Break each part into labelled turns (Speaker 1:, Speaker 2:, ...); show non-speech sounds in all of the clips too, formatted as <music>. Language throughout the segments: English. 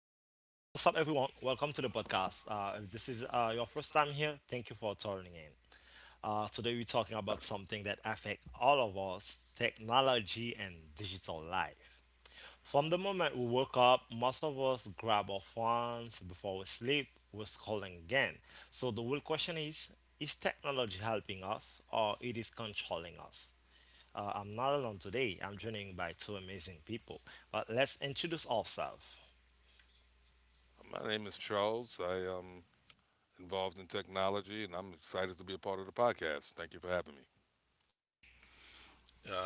Speaker 1: everyone? Welcome to the podcast. If this is your first time here, thank you for tuning in. Today, we're talking about something that affects all of us, technology and digital life. From the moment we wake up, most of us grab our phones. Before we sleep, we're scrolling again. So the real question is technology helping us, or it is controlling us? I'm not alone today. I'm joining by two amazing people. But let's introduce ourselves.
Speaker 2: My name is Charles. I am involved in technology and I'm excited to be a part of the podcast. Thank you for having me.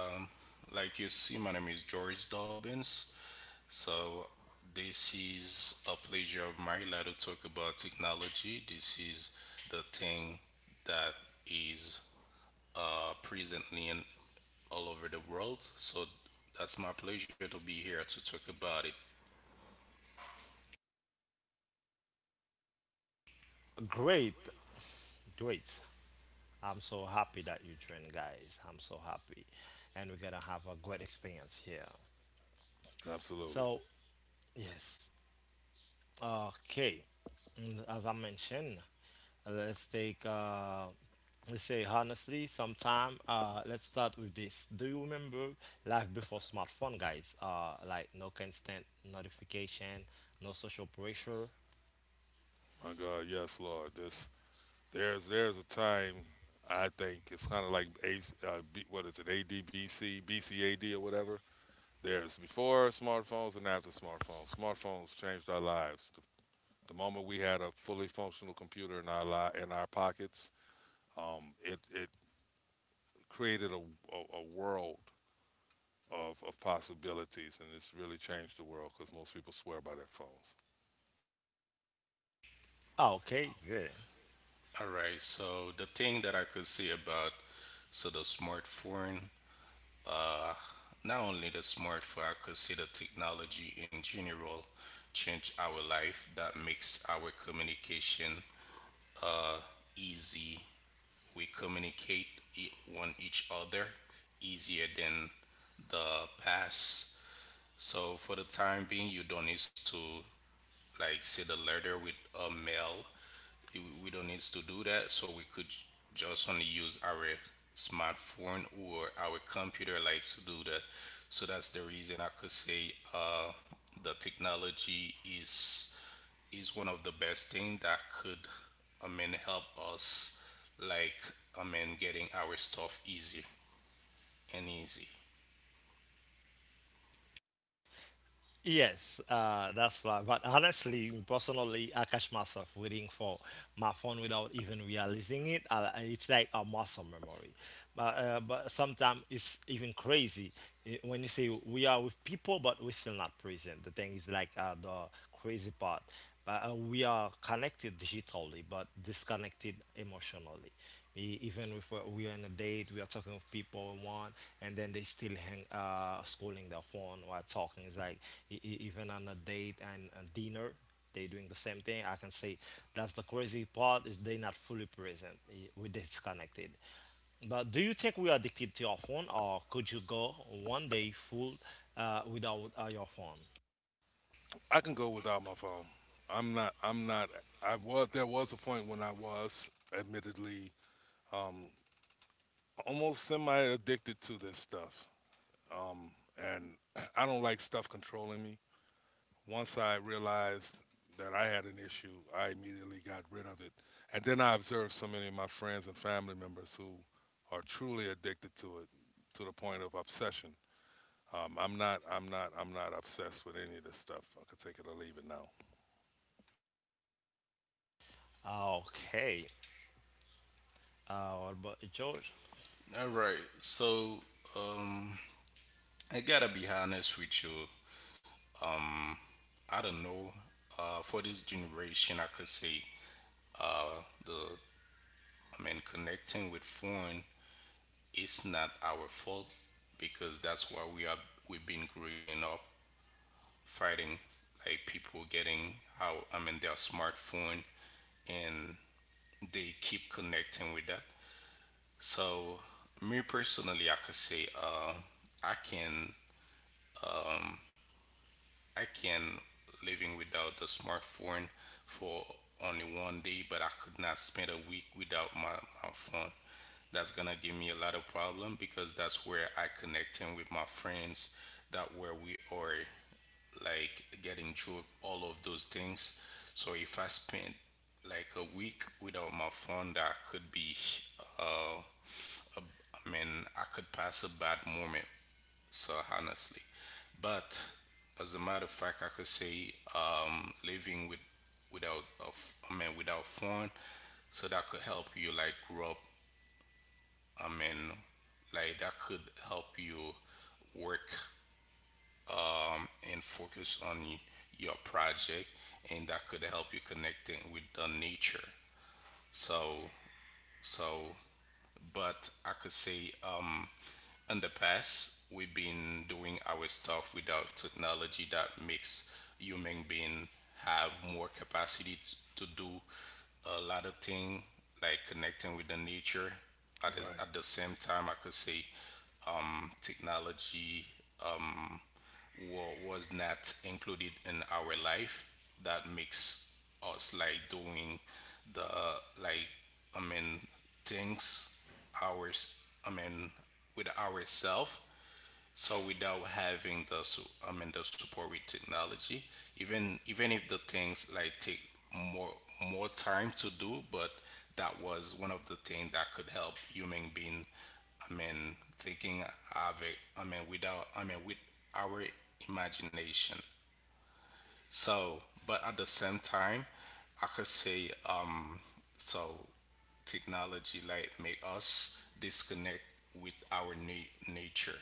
Speaker 3: Um, like you see, my name is George Dobbins. So, this is a pleasure of mine like, to talk about technology. This is the thing that is presently in all over the world. So, that's my pleasure to be here to talk about it.
Speaker 1: Great, great. I'm so happy that you joined, guys. I'm so happy. And we're gonna have a great experience here.
Speaker 2: Absolutely.
Speaker 1: So, yes. Okay. Mm, as I mentioned, let's take, let's say honestly, sometime, let's start with this. Do you remember life before smartphone, guys? Like no constant notification, no social pressure.
Speaker 2: My God, yes, Lord. This there's a time. I think it's kind of like A, B, what is it? ADBCBCAD or whatever. There's before smartphones and after smartphones. Smartphones changed our lives. The moment we had a fully functional computer in our pockets, it it created a world of possibilities, and it's really changed the world because most people swear by their phones.
Speaker 1: Ah, okay, good.
Speaker 3: All right. So, the thing that I could say about so the smartphone, uh, not only the smartphone, I could see the technology in general change our life that makes our communication easy. We communicate one each other easier than the past. So for the time being, you don't need to like send a letter with a mail, we don't need to do that, so we could just only use our smartphone or our computer like to do that, so that's the reason I could say, the technology is one of the best thing that could, I mean, help us, like, I mean, getting our stuff easy and easy.
Speaker 1: Yes, that's why. But honestly, personally, I catch myself waiting for my phone without even realizing it. It's like a muscle memory. But sometimes it's even crazy, when you say we are with people, but we're still not present. The thing is like, the crazy part. But we are connected digitally, but disconnected emotionally. Even if we are on a date, we are talking with people we want, and then they still hang scrolling their phone while talking. It's like, even on a date and a dinner, they doing the same thing, I can say. That's the crazy part, is they not fully present. We disconnected. But do you think we are addicted to our phone, or could you go 1 day full, without your phone?
Speaker 2: I can go without my phone. I'm not. I'm not. I was. There was a point when I was, admittedly, um, almost semi-addicted to this stuff, um, and <clears throat> I don't like stuff controlling me. Once I realized that I had an issue, I immediately got rid of it, and then I observed so many of my friends and family members who are truly addicted to it, to the point of obsession. I'm not obsessed with any of this stuff. I could take it or leave it now.
Speaker 1: Okay. What about you, George?
Speaker 3: All right, so um I gotta be honest with you. um I don't know. For this generation, I could say the and connecting with foreign is not our fault because that's why we are, we've been growing up fighting, like people getting, how I mean, their smartphone, and they keep connecting with that. So me personally I could say, I can, I can living without the smartphone for only one day, but I could not spend a week without my phone. That's gonna give me a lot of problem because that's where I connecting with my friends. That where we are, like, getting through all of those things. So if I spend like a week without my phone, that could be, uh, I mean, I could pass a bad moment so honestly. But as a matter of fact, I could say, living with without a I mean without phone, so that could help you like grow up. I mean, like that could help you work and focus on your project, and that could help you connecting with the nature. So so, but I could say, in the past we've been doing our stuff without technology that makes human being have more capacity to do a lot of thing, like connecting with the nature at
Speaker 2: Right.
Speaker 3: the same time I could say, technology was not included in our life that makes us, like, doing the, like, I mean, things, ours, I mean, with ourselves, so without having the I mean the support with technology, even if the things like take more more time to do, but that was one of the things that could help human being. I mean thinking of it. I mean without, I mean, with our imagination. So, but at the same time, I could say, so technology like make us disconnect with our nature,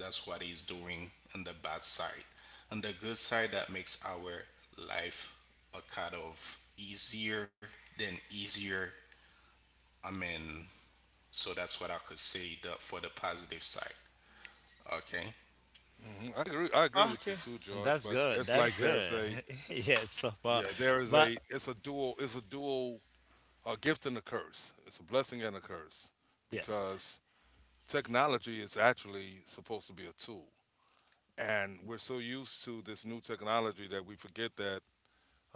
Speaker 3: that's what he's doing on the bad side. On the good side, that makes our life a kind of easier than easier. I mean, so that's what I could say, the, for the positive side. Okay.
Speaker 2: I agree. I agree with
Speaker 1: Okay,
Speaker 2: you too,
Speaker 1: and that's
Speaker 2: George. But
Speaker 1: good.
Speaker 2: it's
Speaker 1: That's
Speaker 2: like there's
Speaker 1: good.
Speaker 2: a
Speaker 1: <laughs> Yes, so far.
Speaker 2: yeah. There is
Speaker 1: But
Speaker 2: a. It's a dual. A gift and a curse. It's a blessing and a curse
Speaker 1: yes,
Speaker 2: because technology is actually supposed to be a tool, and we're so used to this new technology that we forget that.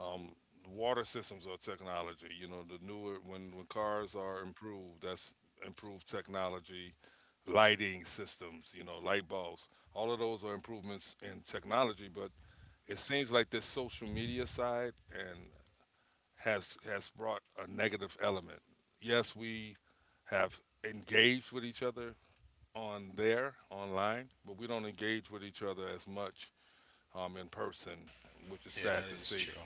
Speaker 2: Um, Water systems are technology. You know, the newer, when cars are improved, that's improved technology. Lighting systems, you know, light bulbs. All of those are improvements in technology, but it seems like this social media side and has brought a negative element. Yes, we have engaged with each other on there online, but we don't engage with each other as much in person, which is
Speaker 3: Yeah, that
Speaker 2: sad to
Speaker 3: is true.
Speaker 2: see.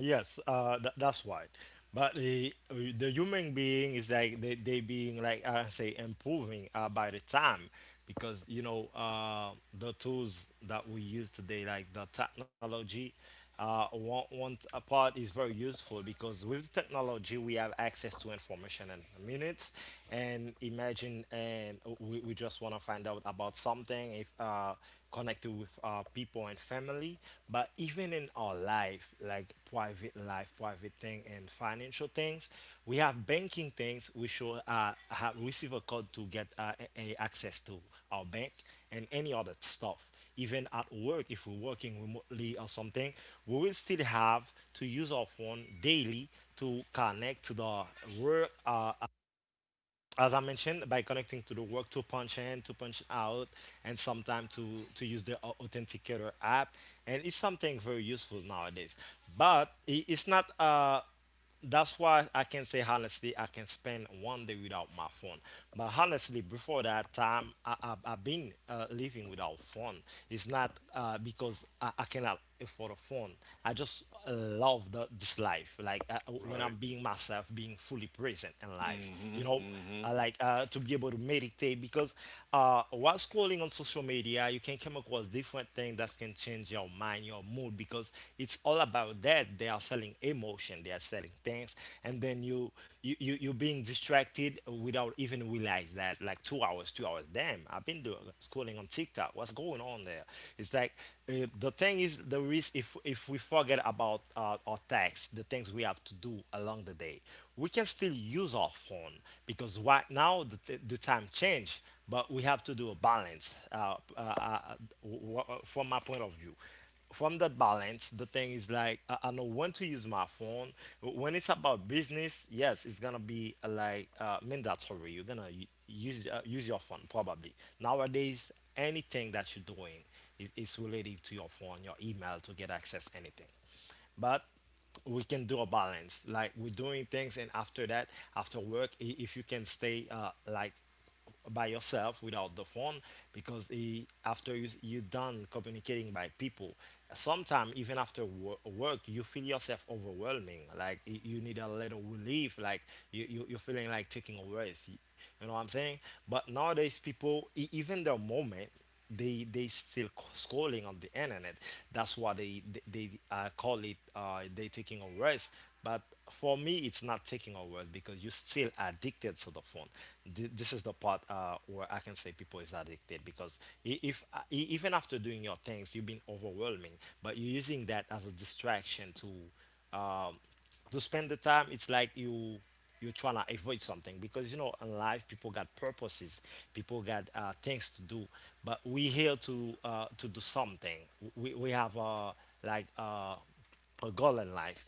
Speaker 1: yes, tha that's why. But the, the human being is like, they being like I say improving by the time, because you know, the tools that we use today, like the technology, one a part is very useful, because with the technology we have access to information in minutes. And imagine, and we just want to find out about something. If connected with people and family. But even in our life, like private life, private thing, and financial things, we have banking things, we should have receive a code to get access to our bank and any other stuff. Even at work, if we're working remotely or something, we will still have to use our phone daily to connect to the work, as I mentioned, by connecting to the work, to punch in, to punch out, and sometimes to use the Authenticator app. And it's something very useful nowadays. But it's not, that's why I can say honestly, I can spend 1 day without my phone. But honestly, before that time, I've been living without phone. It's not because I cannot afford a phone. I just love this life. Like when I'm
Speaker 2: Right.
Speaker 1: being myself, being fully present in life, you
Speaker 2: hmm
Speaker 1: know?
Speaker 2: hmm
Speaker 1: Like to be able to meditate, because while scrolling on social media, you can come across different things that can change your mind, your mood, because it's all about that they are selling emotion, they are selling things. And then you, you're being distracted without even realize that, like, 2 hours, 2 hours, damn, I've been doing scrolling on TikTok. What's going on there? It's like, the thing is the risk if we forget about our tasks, the things we have to do along the day, we can still use our phone, because right now the time change. But we have to do a balance, from my point of view, from that balance, the thing is like, I know when to use my phone. When it's about business, yes, it's gonna be like mandatory. You're gonna use your phone, probably. Nowadays anything that you're doing is related to your phone, your email, to get access anything. But we can do a balance, like we're doing things, and after that, after work, if you can stay like by yourself without the phone, because after you're done communicating by people, sometimes even after work, you feel yourself overwhelming, like you need a little relief. Like you're feeling like taking a rest. You know what I'm saying? But nowadays people, even the moment, they still scrolling on the internet. That's why they, they call it, they taking a rest. But for me it's not taking a rest, because you're still addicted to the phone. This is the part where I can say people is addicted, because I- if e- even after doing your things, you've been overwhelming, but you're using that as a distraction um, to spend the time. It's like you, you're trying to avoid something, because you know in life people got purposes, people got things to do. But we here to do something. We have like uh, a goal in life.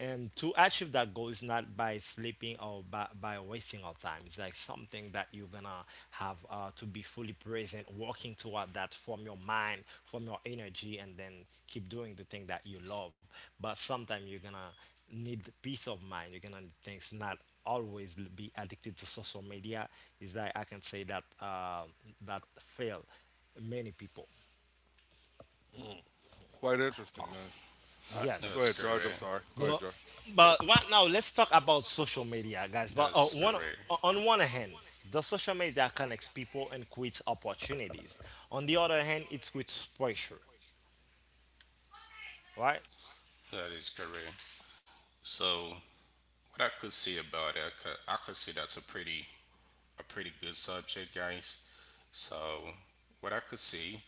Speaker 1: And to achieve that goal is not by sleeping or by wasting our time. It's like something that you're gonna have to be fully present, working toward that, from your mind, from your energy, and then keep doing the thing that you love. But sometimes you're gonna need peace of mind. You're gonna need things, not always be addicted to social media. Is that I can say that that fail many people.
Speaker 2: Mm. Quite interesting, man. I,
Speaker 1: Yes,
Speaker 2: Go
Speaker 3: That's
Speaker 2: ahead, George. I'm
Speaker 3: correct.
Speaker 2: sorry. Go
Speaker 1: but
Speaker 2: ahead, George.
Speaker 1: but right now let's talk about social media, guys. But
Speaker 3: That's
Speaker 1: one
Speaker 3: correct.
Speaker 1: on one hand, the social media connects people and creates opportunities. On the other hand, it creates pressure, right?
Speaker 3: That is correct. So what I could say about it, I could say that's a pretty, a pretty good subject, guys. So, what I could see,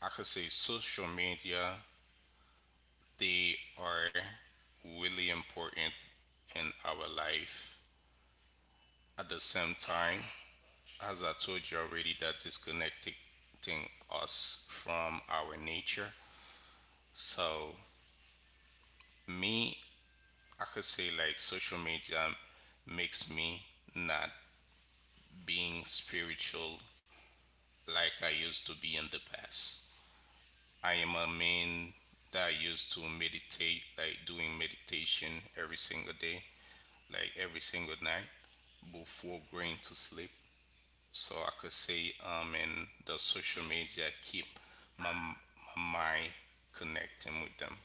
Speaker 3: I could say social media, they are really important in our life. At the same time, as I told you already, that disconnecting us from our nature. So, me, I could say like social media makes me not being spiritual like I used to be in the past. I am a man that used to meditate, like doing meditation every single day, like every single night before going to sleep. So I could say, and the social media keep my mind connecting with them.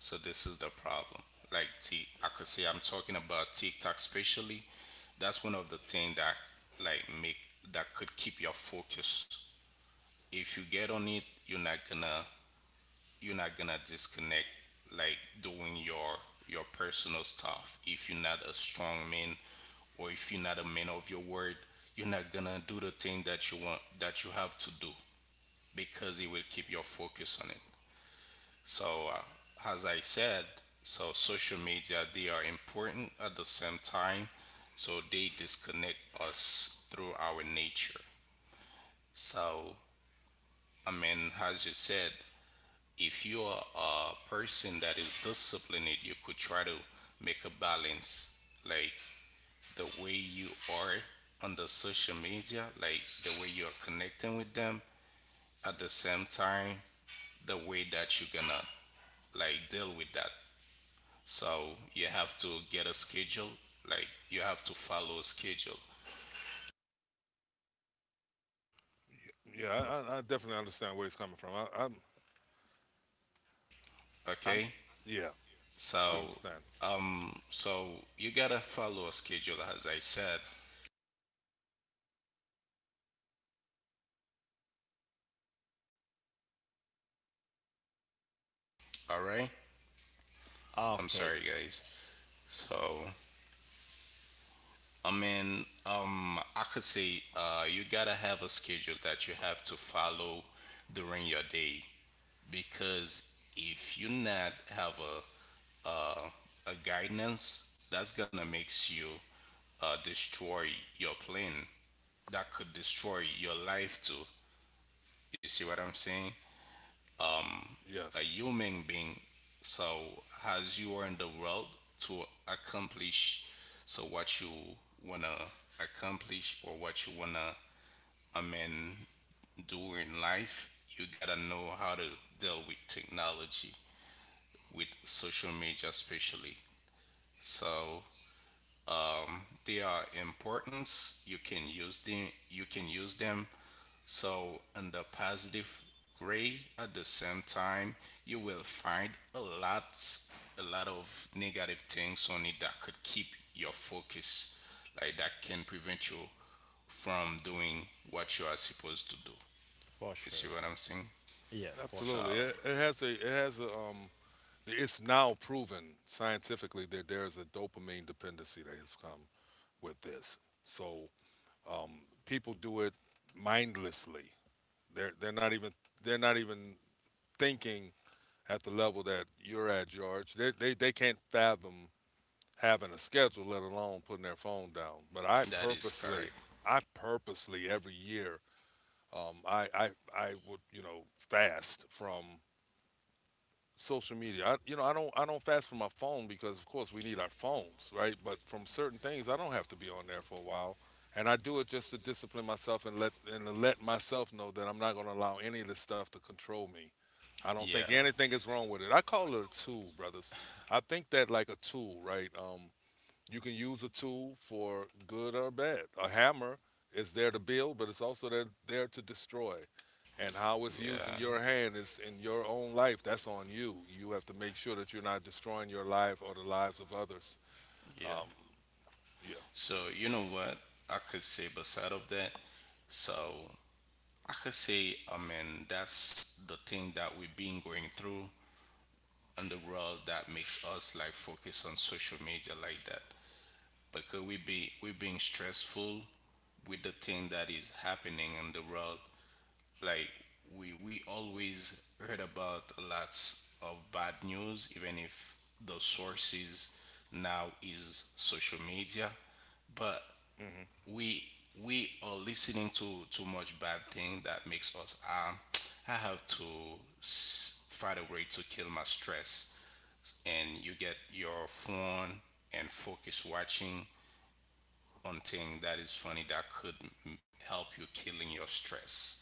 Speaker 3: So this is the problem. Like T, I could say I'm talking about TikTok, especially. That's one of the things that like make that could keep your focus. If you get on it, you're not gonna disconnect, like doing your personal stuff. If you're not a strong man or if you're not a man of your word, you're not gonna do the thing that you want, that you have to do, because it will keep your focus on it. So, as I said, so social media they are important. At the same time, so they disconnect us through our nature. So, I mean, as you said, if you are a person that is disciplined, you could try to make a balance, like the way you are on the social media, like the way you are connecting with them, at the same time, the way that you're gonna, like, deal with that. So you have to get a schedule, like you have to follow a schedule,
Speaker 2: Yeah, I I definitely understand where he's coming from. I'm,
Speaker 3: okay?
Speaker 2: yeah, I
Speaker 3: So,
Speaker 2: understand.
Speaker 3: so you gotta follow a schedule, as I said, all right? I'm
Speaker 2: hmm
Speaker 1: Okay,
Speaker 3: sorry, guys. So, I mean, I could say, you gotta have a schedule that you have to follow during your day, because if you not have a, a guidance, that's gonna makes you, destroy your plan. That could destroy your life too. You see what I'm saying? A
Speaker 2: Yes,
Speaker 3: human being. So as you are in the world to accomplish, so what you wanna accomplish, or what you wanna, I mean, during life, you gotta know how to deal with technology, with social media especially. So they are important. You can use them. You can use them. So in the positive way, at the same time, you will find a lot of negative things on it that could keep your focus, like that can prevent you from doing what you are supposed to do.
Speaker 1: for
Speaker 3: You
Speaker 1: sure.
Speaker 3: see what I'm saying?
Speaker 1: Yeah, for
Speaker 3: So
Speaker 1: sure.
Speaker 2: absolutely. It it has a, the- it's now proven scientifically that there is a dopamine dependency that has come with this. So um, people do it mindlessly. They're they're not even they're not even thinking at the level that you're at, George. They can't fathom having a schedule, let alone putting their phone down. But I
Speaker 3: that is
Speaker 2: purposely,
Speaker 3: correct.
Speaker 2: I purposely every year, um, I, I, I would, you know, fast from social media. I, you know, I don't fast from my phone because of course we need our phones, right? But from certain things, I don't have to be on there for a while, and I do it just to discipline myself and let and to let myself know that I'm not going to allow any of this stuff to control me. I don't
Speaker 3: Yeah,
Speaker 2: think anything is wrong with it. I call it a tool, brothers. I think that like a tool, right? You can use a tool for good or bad. A hammer is there to build, but it's also there to destroy. And how it's used in
Speaker 3: yeah,
Speaker 2: your hand is in your own life. That's on you. You have to make sure that you're not destroying your life or the lives of others.
Speaker 3: yeah.
Speaker 2: Um, yeah.
Speaker 3: So you know what I could say beside of that? So I could say, I mean, that's the thing that we've been going through in the world that makes us like focus on social media like that. Because we being stressful with the thing that is happening in the world, like, we always heard about lots of bad news, even if the sources now is social media, but
Speaker 2: hmm
Speaker 3: we we are listening to too much bad thing that makes us, ah, I have to find a way to kill my stress, and you get your phone and focus watching on thing that is funny that could help you killing your stress.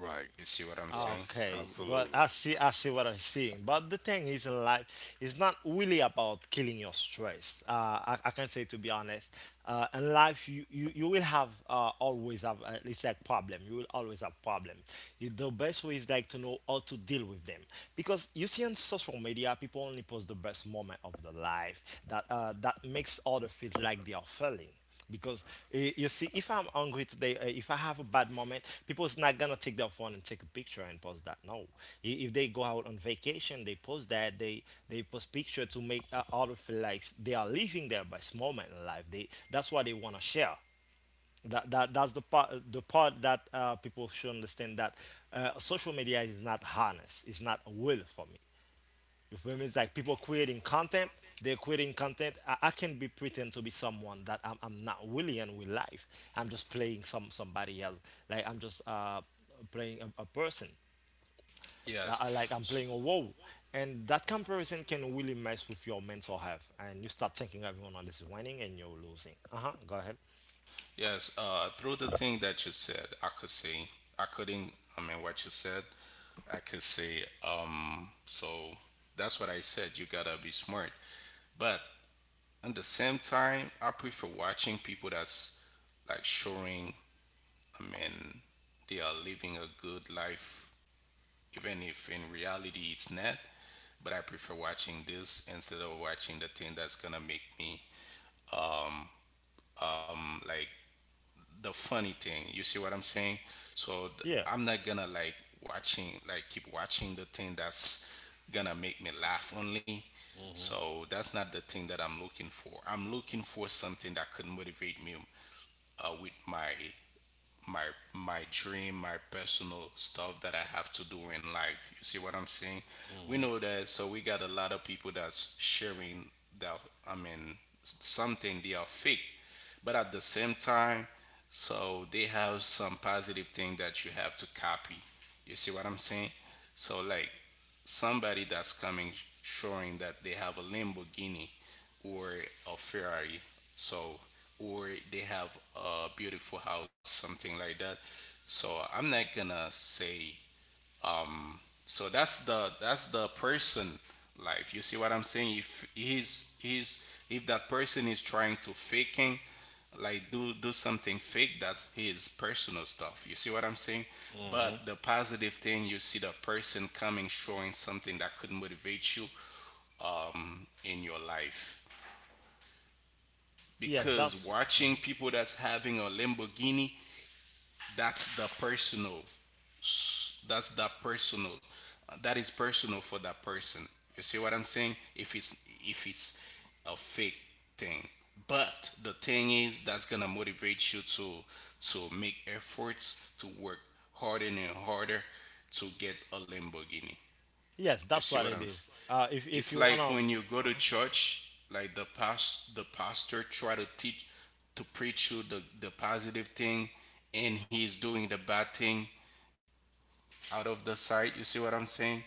Speaker 2: Right.
Speaker 3: You see what I'm saying?
Speaker 2: Right.
Speaker 1: Okay, but
Speaker 2: Absolutely.
Speaker 1: I see what I'm seeing. But the thing is, in life, it's not really about killing your stress. I can say, to be honest, in life, you will have always have, it's like problem. You will always have problem. The best way is like to know how to deal with them, because you see on social media, people only post the best moment of their life, that that makes other feels like they are failing. Because you see, if I'm hungry today, if I have a bad moment, people's not gonna take their phone and take a picture and post that, no. If they go out on vacation, they post that. They post picture to make other feel like they are living their best moment in life. They, that's what they want to share. That that's the part, the part that people should understand, that social media is not harness, it's not a will for me. You feel me? It's like people creating content. They're creating content. I can be pretend to be someone that I'm not really in real life. I'm just playing somebody else. Like I'm just playing a person.
Speaker 3: Yes.
Speaker 1: Like I'm
Speaker 3: So,
Speaker 1: playing a role. And that comparison can really mess with your mental health. And you start thinking everyone else is winning and you're losing. Uh huh. Go ahead.
Speaker 3: yes. Through the thing that you said, I could say I couldn't. I mean, what you said, I could say. So that's what I said. You gotta be smart. But at the same time, I prefer watching people that's like showing. I mean, they are living a good life, even if in reality it's not. But I prefer watching this instead of watching the thing that's gonna make me, um, like, the funny thing. You see what I'm saying? So
Speaker 1: Yeah.
Speaker 3: I'm not gonna, like, watching, like keep watching the thing that's gonna make me laugh only,
Speaker 2: mm hmm
Speaker 3: so that's not the thing that I'm looking for, I'm looking for something that could motivate me, with my my dream, my personal stuff that I have to do in life. You see what I'm saying?
Speaker 2: mm
Speaker 3: We
Speaker 2: hmm
Speaker 3: know that so we got a lot of people that's sharing that, I mean, something they are fake, but at the same time, so they have some positive thing that you have to copy. You see what I'm saying? So, like, somebody that's coming showing that they have a Lamborghini or a Ferrari, so, or they have a beautiful house, something like that. So I'm not gonna say, um so that's the person life. You see what I'm saying? If he's, if that person is trying to faking, like, do something fake, that's his personal stuff. You see what I'm saying?
Speaker 2: mm
Speaker 3: But
Speaker 2: hmm
Speaker 3: the positive thing, you see the person coming showing something that could motivate you, in your life.
Speaker 1: Yes,
Speaker 3: Because
Speaker 1: that's mhm.
Speaker 3: watching people that's having a Lamborghini, that's the personal that's that personal, that is personal for that person. You see what I'm saying? If it's a fake thing, but the thing is that's gonna motivate you to make efforts to work harder and harder to get a Lamborghini.
Speaker 1: Yes,
Speaker 3: You
Speaker 1: that's
Speaker 3: see
Speaker 1: what
Speaker 3: what
Speaker 1: it
Speaker 3: I'm saying?
Speaker 1: is. If
Speaker 3: It's
Speaker 1: you
Speaker 3: like
Speaker 1: wanna,
Speaker 3: when you go to church, like the past the pastor try to teach to preach you the positive thing, and he's doing the bad thing out of the sight. You see what I'm saying?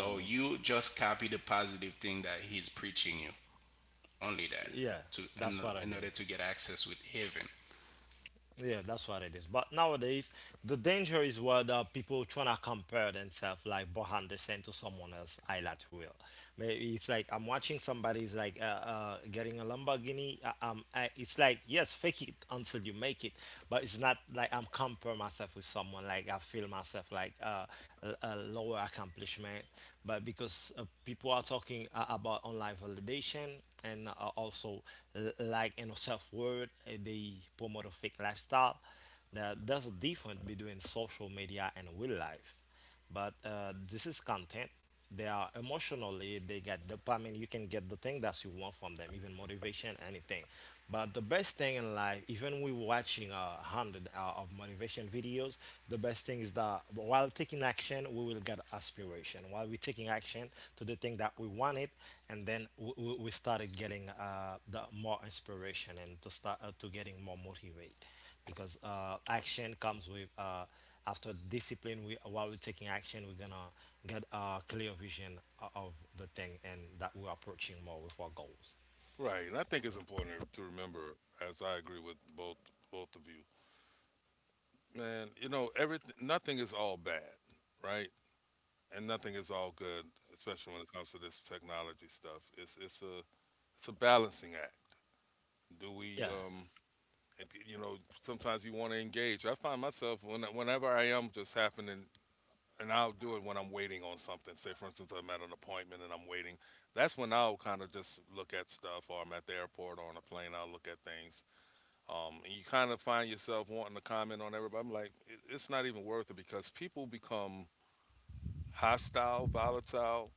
Speaker 2: mm hmm
Speaker 3: you just copy the positive thing that he's preaching you. Only that.
Speaker 1: yeah,
Speaker 3: To
Speaker 1: that's what it
Speaker 3: in order
Speaker 1: is.
Speaker 3: to get access with heaven.
Speaker 1: Yeah, that's what it is. But nowadays, the danger is where the people trying to compare themselves, like behind the scene, to someone else highlight reel. Maybe it's like I'm watching somebody's like, getting a Lamborghini. It's like, yes, fake it until you make it. But it's not like I'm compare myself with someone. Like I feel myself like a lower accomplishment. But because people are talking about online validation, and also like, you know, self-worth, they promote a fake lifestyle. There's a difference between social media and real life. But this is content. They are emotionally, they get dopamine. You can get the thing that you want from them, even motivation, anything. But the best thing in life, even we watching 100 hour of motivation videos, the best thing is that while taking action, we will get aspiration. While we're taking action to the thing that we wanted, and then we we started getting the more inspiration, and to start to getting more motivated, because action comes with, after discipline. We, while we're taking action, we're gonna get a clear vision of the thing, and that we're approaching more with our goals.
Speaker 2: Right. And I think it's important to remember, as I agree with both of you, man. You know, everything. Nothing is all bad, right? And nothing is all good, especially when it comes to this technology stuff. It's a balancing act. Do we
Speaker 1: Yeah,
Speaker 2: it, you know, sometimes you want to engage. I find myself when, whenever I am just happening, and I'll do it when I'm waiting on something. Say for instance, I'm at an appointment and I'm waiting. That's when I'll kind of just look at stuff, or I'm at the airport or on a plane. I'll look at things, and you kind of find yourself wanting to comment on everybody. I'm like, it's not even worth it because people become hostile, volatile,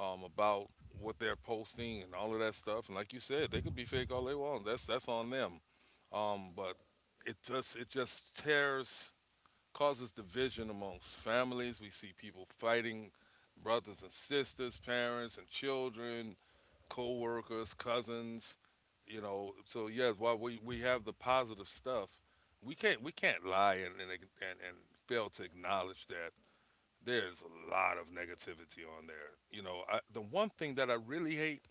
Speaker 2: about what they're posting and all of that stuff. And like you said, they could be fake all they want. That's on them. But it just tears causes division amongst families. We see people fighting, brothers and sisters, parents and children, co-workers, cousins, you know. So yes, while we have the positive stuff, we can't lie and fail to acknowledge that there's a lot of negativity on there. You know, the one thing that I really hate,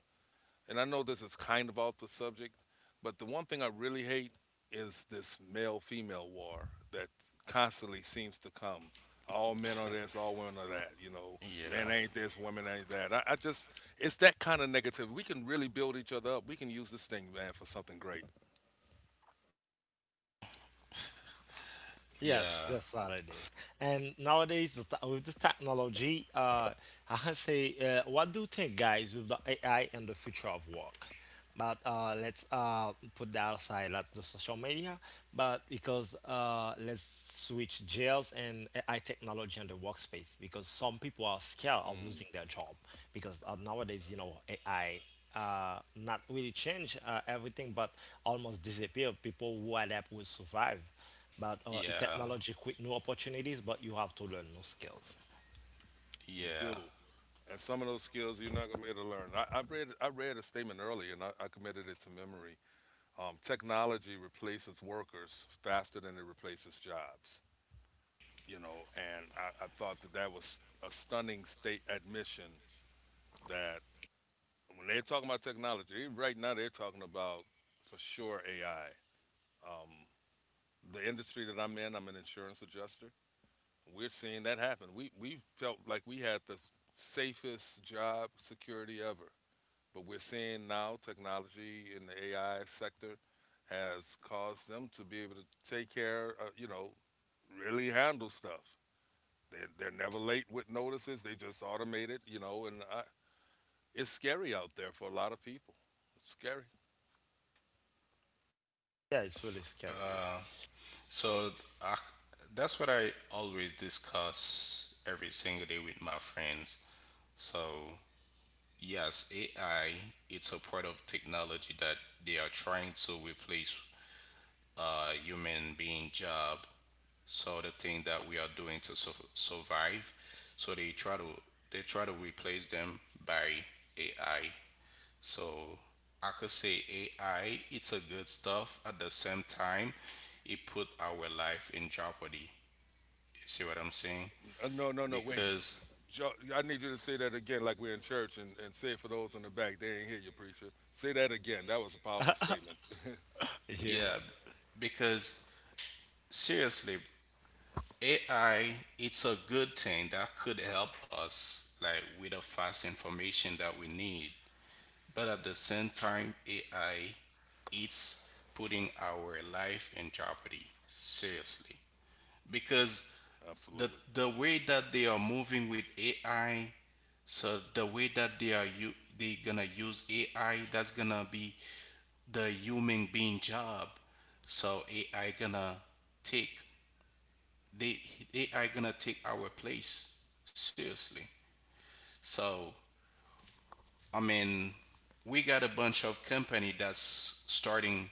Speaker 2: and I know this is kind of off the subject, but the one thing I really hate is this male female war that constantly seems to come. All men are this, all women are that. You know, men
Speaker 3: Yeah.
Speaker 2: ain't this, women ain't that. I just, it's that kind of negativity. We can really build each other up. We can use this thing, man, for something great.
Speaker 1: Yes,
Speaker 3: Yeah.
Speaker 1: that's what it is. And nowadays, with this technology, I can say, what do you think, guys, with the AI and the future of work? But let's put that aside, like the social media, but because let's switch jails and AI technology and the workspace, because some people are scared of
Speaker 2: Mm,
Speaker 1: losing their job, because nowadays, you know, AI not really change everything, but almost disappear. People who adapt will survive but
Speaker 3: Yeah.
Speaker 1: technology create new opportunities, but you have to learn new skills.
Speaker 2: you do.
Speaker 3: Yeah.
Speaker 2: And some of those skills you're not gonna be able to learn. I read a statement earlier and I committed it to memory. Technology replaces workers faster than it replaces jobs, you know, and I thought that that was a stunning state admission that when they're talking about technology, right now they're talking about for sure AI. Um, the industry that I'm in, I'm an insurance adjuster. We're seeing that happen. We felt like we had the safest job security ever. But we're seeing now technology in the AI sector has caused them to be able to take care, you know, really handle stuff. They're never late with notices. They just automate it, you know, and it's scary out there for a lot of people. It's scary.
Speaker 1: Yeah, it's really scary.
Speaker 3: Uh, so I, that's what I always discuss every single day with my friends. So yes, AI it's a part of technology that they are trying to replace human being job, so the thing that we are doing to survive. So they try to, they try to replace them by ai. So I could say ai it's a good stuff. At the same time, it put our life in jeopardy. You see what I'm saying?
Speaker 2: No, wait.
Speaker 3: because
Speaker 2: I need you to say that again, like we're in church, and say it for those in the back. They ain't hear you, preacher. Say that again. That was a powerful statement.
Speaker 1: Yeah.
Speaker 3: yeah because seriously, ai it's a good thing that could help us like with the fast information that we need, but at the same time, AI it's putting our life in jeopardy seriously. Because the
Speaker 2: Absolutely.
Speaker 3: the way that they are moving with AI, so the way that they are you they gonna use AI, that's gonna be the human being job. So AI gonna take, they AI gonna take our place, seriously. So I mean, we got a bunch of company that's starting,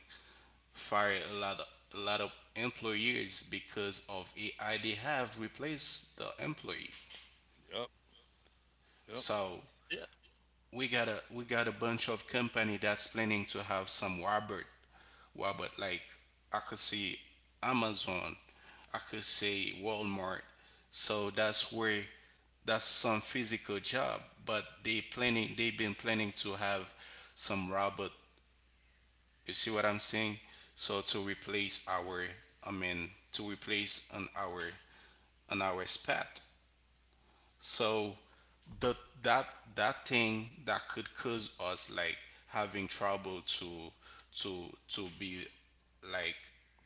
Speaker 3: fired a lot of employees because of AI. They have replaced the employee.
Speaker 2: Yep, yep.
Speaker 3: So
Speaker 1: Yeah.
Speaker 3: we got a bunch of company that's planning to have some robot, like I could say Amazon, I could say Walmart. So that's where, that's some physical job, but they've been planning to have some robot. You see what I'm saying? So to replace our, I mean, to replace on our, on our spat. So the that that thing that could cause us like having trouble to, to be like,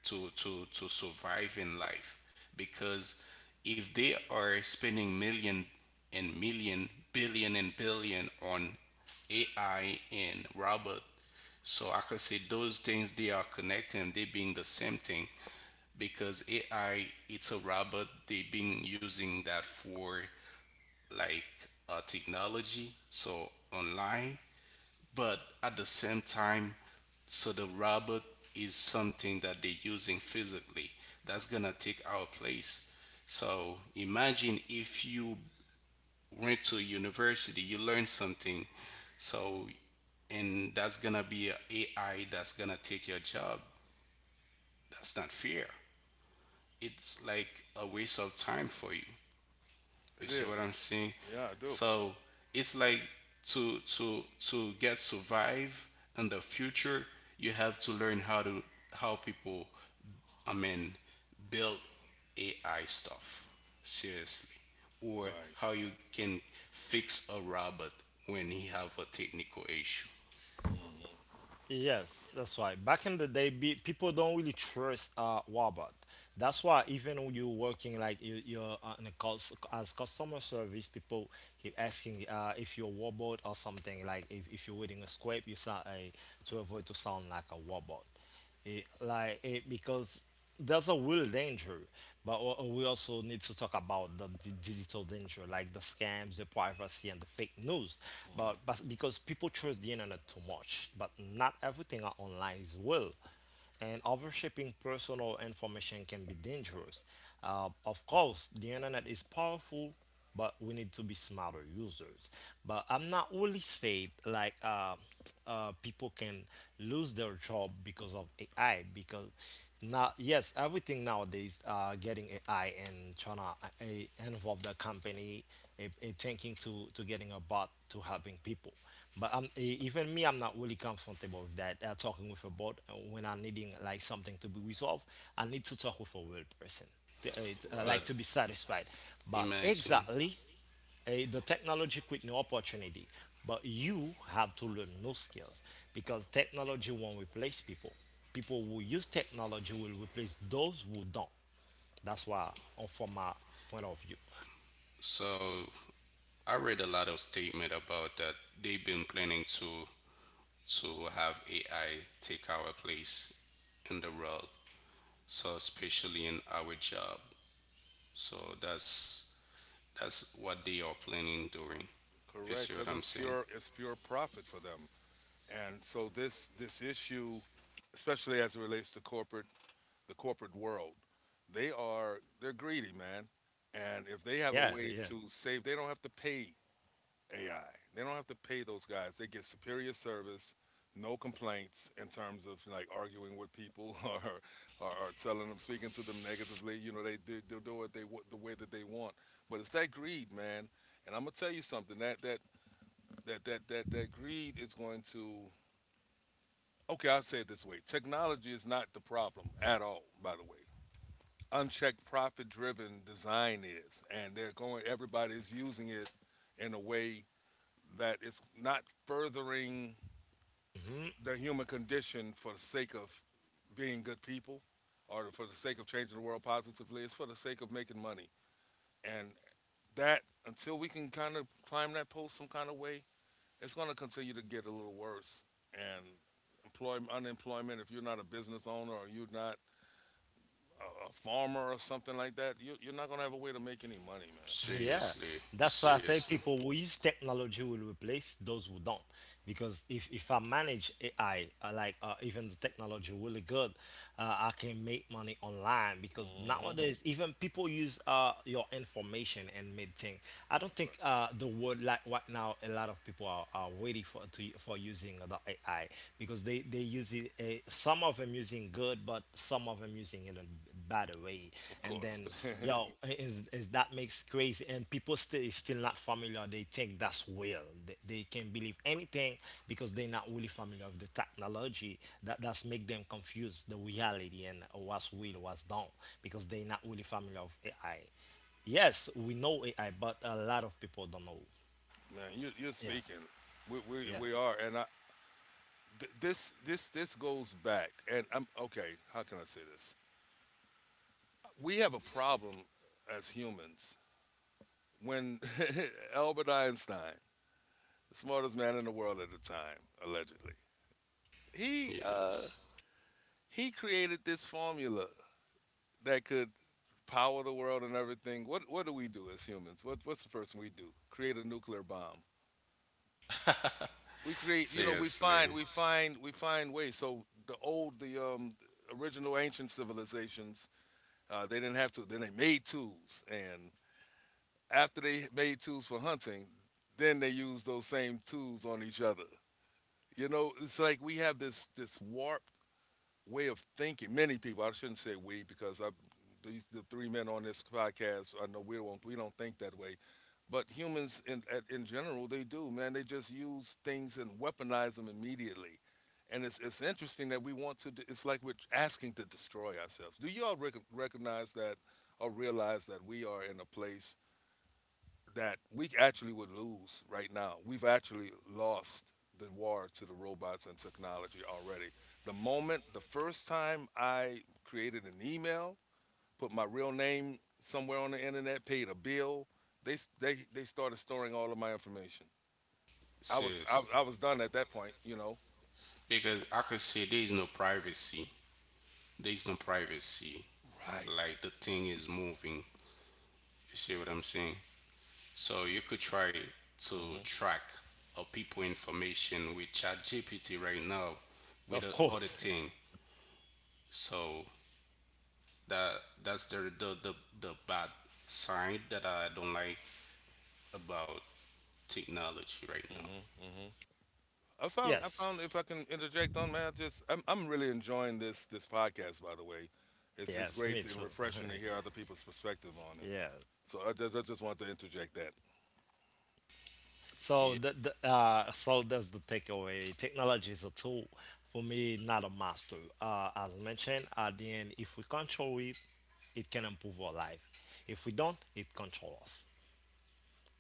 Speaker 3: to survive in life. Because if they are spending million and million, billion and billion on AI and robot, so I could say those things they are connected, they being the same thing, because AI it's a robot. They been using that for like, technology, so online, but at the same time, so the robot is something that they're using physically that's gonna take our place. So imagine if you went to university, you learn something. So, and that's gonna be a AI that's gonna take your job. That's not fair. It's like a waste of time for you.
Speaker 2: It
Speaker 3: You see
Speaker 2: is.
Speaker 3: what I'm saying?
Speaker 2: Yeah, I do.
Speaker 3: So it's like, to get survive in the future, you have to learn how to, how people, I mean, build AI stuff, seriously, or
Speaker 2: Right.
Speaker 3: how you can fix a robot when he have a technical issue.
Speaker 2: hmm
Speaker 1: Yes, that's why. Back in the day, people don't really trust robot. That's why even when you're working like you're in a call as customer service, people keep asking if you're a robot or something like if you're reading a script, you sound a to avoid to sound like a robot. Because there's a real danger but we also need to talk about the digital danger like the scams the privacy and the fake news
Speaker 2: hmm
Speaker 1: but because people trust the internet too much but not everything are online is real and overshipping personal information can be dangerous. Of course, the internet is powerful, but we need to be smarter users. But I'm not really saying like people can lose their job because of AI because now yes everything nowadays getting AI and trying to involve the company thinking to getting a bot to helping people. But I'm even me, I'm not really comfortable with that. Talking with a bot when I'm needing like something to be resolved, I need to talk with a real person, to,
Speaker 2: Right.
Speaker 1: like
Speaker 3: But
Speaker 1: to be satisfied. But
Speaker 2: Yes,
Speaker 3: imagine,
Speaker 1: exactly, the technology quit no opportunity. But you have to learn new skills because technology won't replace people. People who use technology will replace those who don't. That's why, from my point of view.
Speaker 3: so I read a lot of statement about that. They've been planning to have AI take our place in the world. So especially in our job. So that's what they are planning doing. You
Speaker 2: correct.
Speaker 3: see
Speaker 2: Because
Speaker 3: what I'm saying?
Speaker 2: it's pure profit for them. And so this issue, especially as it relates to corporate, the corporate world, they're greedy, man. And if they have a
Speaker 1: Yeah,
Speaker 2: way
Speaker 1: yeah.
Speaker 2: to save, they don't have to pay AI. They don't have to pay those guys. They get superior service, no complaints in terms of like arguing with people <laughs> or telling them, speaking to them negatively. You know, they'll do it the way that they want. But it's that greed, man. And I'm gonna tell you something, that greed is going to, okay, I'll say it this way: technology is not the problem at all, by the way. Unchecked, profit driven design is, and they're going everybody's using it in a way that it's not furthering
Speaker 1: Mm-hmm.
Speaker 2: the human condition for the sake of being good people, or for the sake of changing the world positively. It's for the sake of making money, and that, until we can kind of climb that post some kind of way, it's going to continue to get a little worse. And employment, unemployment, if you're not a business owner or you're not a farmer or something like that, you're not going to have a way to make any money, man.
Speaker 1: Yeah,
Speaker 3: Seriously,
Speaker 1: that's why I say
Speaker 3: seriously,
Speaker 1: people who use technology will replace those who don't. Because if I manage AI, even the technology really good, I can make money online. Because
Speaker 2: Mm-hmm.
Speaker 1: nowadays, even people use your information and make things. I don't
Speaker 2: That's right.
Speaker 1: think the word like right now, a lot of people are, are waiting for using the AI because they use it. Some of them using good, but some of them using it in a bad way.
Speaker 2: Of
Speaker 1: And
Speaker 2: course,
Speaker 1: then
Speaker 2: <laughs> man.
Speaker 1: Is that makes crazy and people still not familiar. They think that's real. They can believe anything because they're not really familiar with the technology. That's make them confuse the reality and what's real, what's done because they're not really familiar with AI. Yes, we know AI, but a lot of people don't know.
Speaker 2: You, you're speaking.
Speaker 1: Yeah,
Speaker 2: We are, and this this goes back. And I'm okay. How can I say this? We have a problem as humans when <laughs> Albert Einstein, the smartest man in the world at the time, allegedly, he uh,
Speaker 3: yes,
Speaker 2: he created this formula that could power the world and everything. What do we do as humans? What what's the first thing we do? Create a nuclear bomb. We create, you know, we find
Speaker 3: seriously,
Speaker 2: we find we find ways. So the original ancient civilizations, they didn't have to. Then they made tools, and after they made tools for hunting, then they used those same tools on each other. You know, it's like we have this warp way of thinking. Many people, I shouldn't say we, because I, these, the three men on this podcast, I know we don't think that way, but humans in in general they do. Man, they just use things and weaponize them immediately, and it's interesting that we want to. It's like we're asking to destroy ourselves. Do you all recognize that or realize that we are in a place that we actually would lose right now? We've actually lost the war to the robots and technology already. The moment, the first time I created an email, put my real name somewhere on the internet, paid a bill, they started storing all of my information. I
Speaker 3: seriously.
Speaker 2: was done at that point.
Speaker 3: Because I could say there is no privacy. There is no privacy.
Speaker 2: Right.
Speaker 3: Like the thing is moving. You see what I'm saying? So you could try
Speaker 2: hmm
Speaker 3: to track a people information with ChatGPT right now, with
Speaker 1: of
Speaker 3: the other
Speaker 1: course.
Speaker 3: thing. So that, that's the the bad side that I don't like about technology right now.
Speaker 2: hmm I
Speaker 1: <laughs>
Speaker 2: found I
Speaker 1: yes,
Speaker 2: found if I can interject on, man, I just I'm really enjoying this podcast. By the way, it's
Speaker 1: yes,
Speaker 2: great
Speaker 1: me
Speaker 2: and
Speaker 1: too.
Speaker 2: refreshing to hear other people's perspective on
Speaker 1: <laughs>
Speaker 2: it.
Speaker 1: yeah.
Speaker 2: So I just want to interject that
Speaker 1: So the so that's the takeaway. Technology is a tool for me, not a master. As mentioned, at the end, if we control it, it can improve our life. If we don't, it controls us.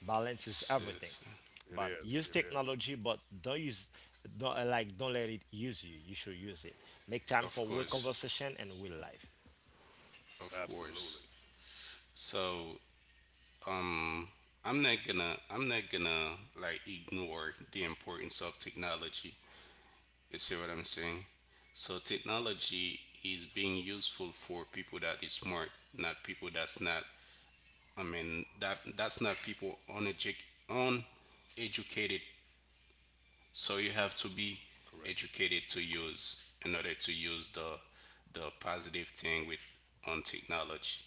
Speaker 1: Balance is
Speaker 3: Yes,
Speaker 1: everything.
Speaker 3: yes,
Speaker 2: it
Speaker 1: But
Speaker 2: is
Speaker 1: use
Speaker 2: it is
Speaker 1: technology, but don't like don't let it use you. You should use it. Make time
Speaker 3: of
Speaker 1: for real
Speaker 3: course,
Speaker 1: conversation and real life.
Speaker 3: of
Speaker 2: absolutely
Speaker 3: course. So, um, I'm not gonna like ignore the importance of technology. You see what I'm saying? So technology is being useful for people that is smart, not people that's not. I mean that that's not people uneducated. So you have to be
Speaker 2: correct.
Speaker 3: educated to use, in order to use the positive thing with on technology.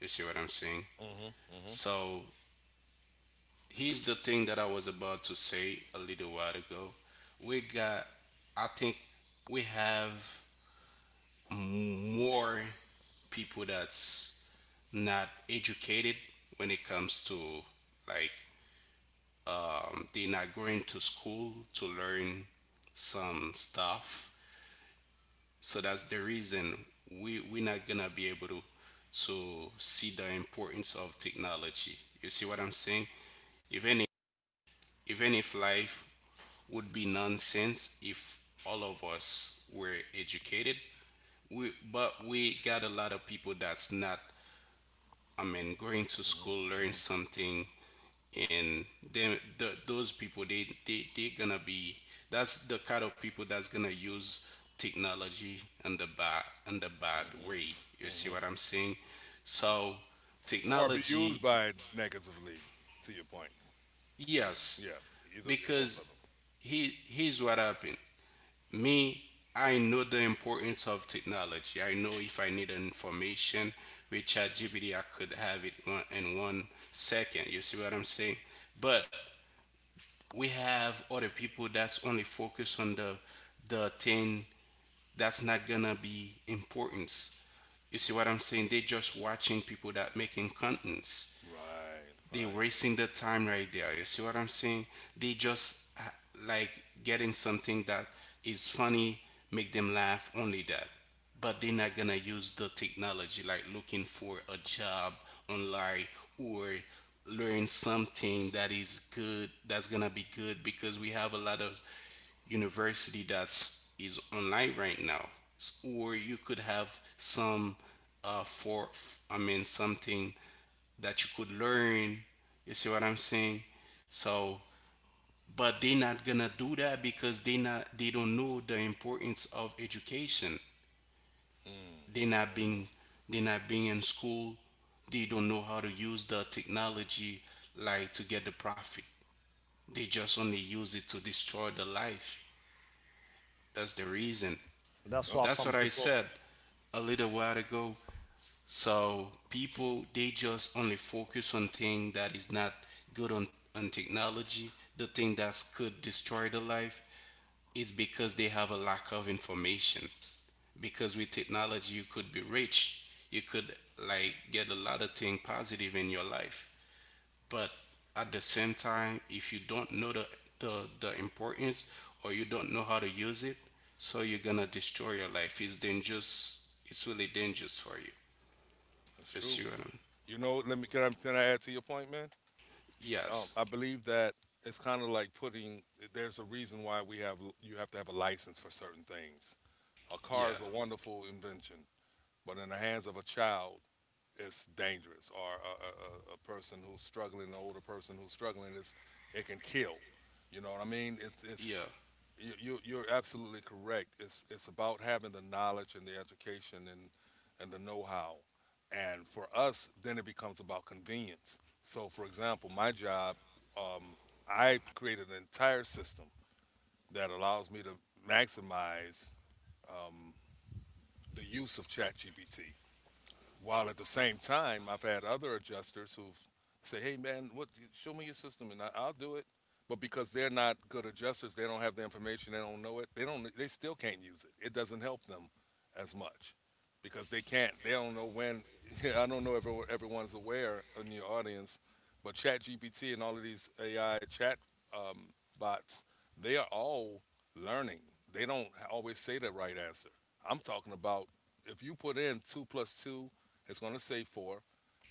Speaker 3: You see what I'm saying?
Speaker 2: Mm, mhm,
Speaker 3: So here's the thing that I was about to say a little while ago. We got, I think we have more people that's not educated when it comes to, like, they're not going to school to learn some stuff. So that's the reason we we're not gonna be able to see the importance of technology. You see what I'm saying? even if, Even if life would be nonsense if all of us were educated. We, but we got a lot of people that's not, I mean, going to
Speaker 2: mm,
Speaker 3: school,
Speaker 2: mhm,
Speaker 3: learn
Speaker 2: mm,
Speaker 3: something, and then the, those people, they gonna be, that's the kind of people that's gonna use technology in the bad, in the
Speaker 2: mhm,
Speaker 3: bad
Speaker 2: mm,
Speaker 3: way.
Speaker 2: mhm,
Speaker 3: You
Speaker 2: mm,
Speaker 3: see
Speaker 2: mhm.
Speaker 3: what I'm saying? So
Speaker 2: Or be used
Speaker 3: technology,
Speaker 2: by it negatively. To your point,
Speaker 3: yes,
Speaker 2: yeah, either both of them.
Speaker 3: because he here's what happened. Me, I know the importance of technology. I know if I need information with ChatGPT, I could have it one, in 1 second. You see what I'm saying? But we have other people that's only focused on the thing that's not gonna be importance. You see what I'm saying? They just watching people that making contents,
Speaker 2: Right,
Speaker 3: they
Speaker 2: right.
Speaker 3: wasting their time right there. You see what I'm saying? They just like getting something that is funny, make them laugh, only that. But they're not gonna use the technology like looking for a job online, or learn something that is good, that's gonna be good, because we have a lot of university that's is online right now. Or you could have some for I mean something that you could learn. You see what I'm saying? So, but they're not gonna do that because they don't know the importance of education.
Speaker 2: Mm,
Speaker 3: They not
Speaker 2: mm.
Speaker 3: being they not being in school. They don't know how to use the technology like to get the profit. They just only use it to destroy the life. That's the reason.
Speaker 1: That's
Speaker 2: Yep,
Speaker 1: why
Speaker 3: That's
Speaker 1: some
Speaker 3: what I
Speaker 1: people.
Speaker 3: said a little while ago. So people, they just only focus on thing that is not good on technology, the thing that could destroy the life. It's because they have a lack of information. Because with technology you could be rich, you could like get a lot of thing positive in your life, but at the same time if you don't know the the, the importance, or you don't know how to use it, so you're gonna destroy your life. It's dangerous, it's really dangerous for you.
Speaker 2: that's
Speaker 3: you see
Speaker 2: true.
Speaker 3: what I'm-
Speaker 2: You know, let me can I add to your point, man?
Speaker 3: Yes,
Speaker 2: I believe that it's kind of like putting. There's a reason why we have you have to have a license for certain things. A car
Speaker 3: yeah,
Speaker 2: is a wonderful invention, but in the hands of a child, it's dangerous. Or a person who's struggling, an older person who's struggling, it can kill. You know what I mean? It's
Speaker 3: yeah,
Speaker 2: You're absolutely correct. It's about having the knowledge and the education and the know-how. And for us, then it becomes about convenience. So, for example, my job, um, I created an entire system that allows me to maximize, um, the use of ChatGPT. While at the same time, I've had other adjusters who've said, "Hey, man, what? Show me your system, and I'll do it." But because they're not good adjusters, they don't have the information, they don't know it, they still can't use it. It doesn't help them as much because they don't know when. <laughs> I don't know if everyone's aware in your audience, but ChatGPT and all of these AI chat, bots, they are all learning. They don't always say the right answer. I'm talking about if you put in two plus two, it's going to say four,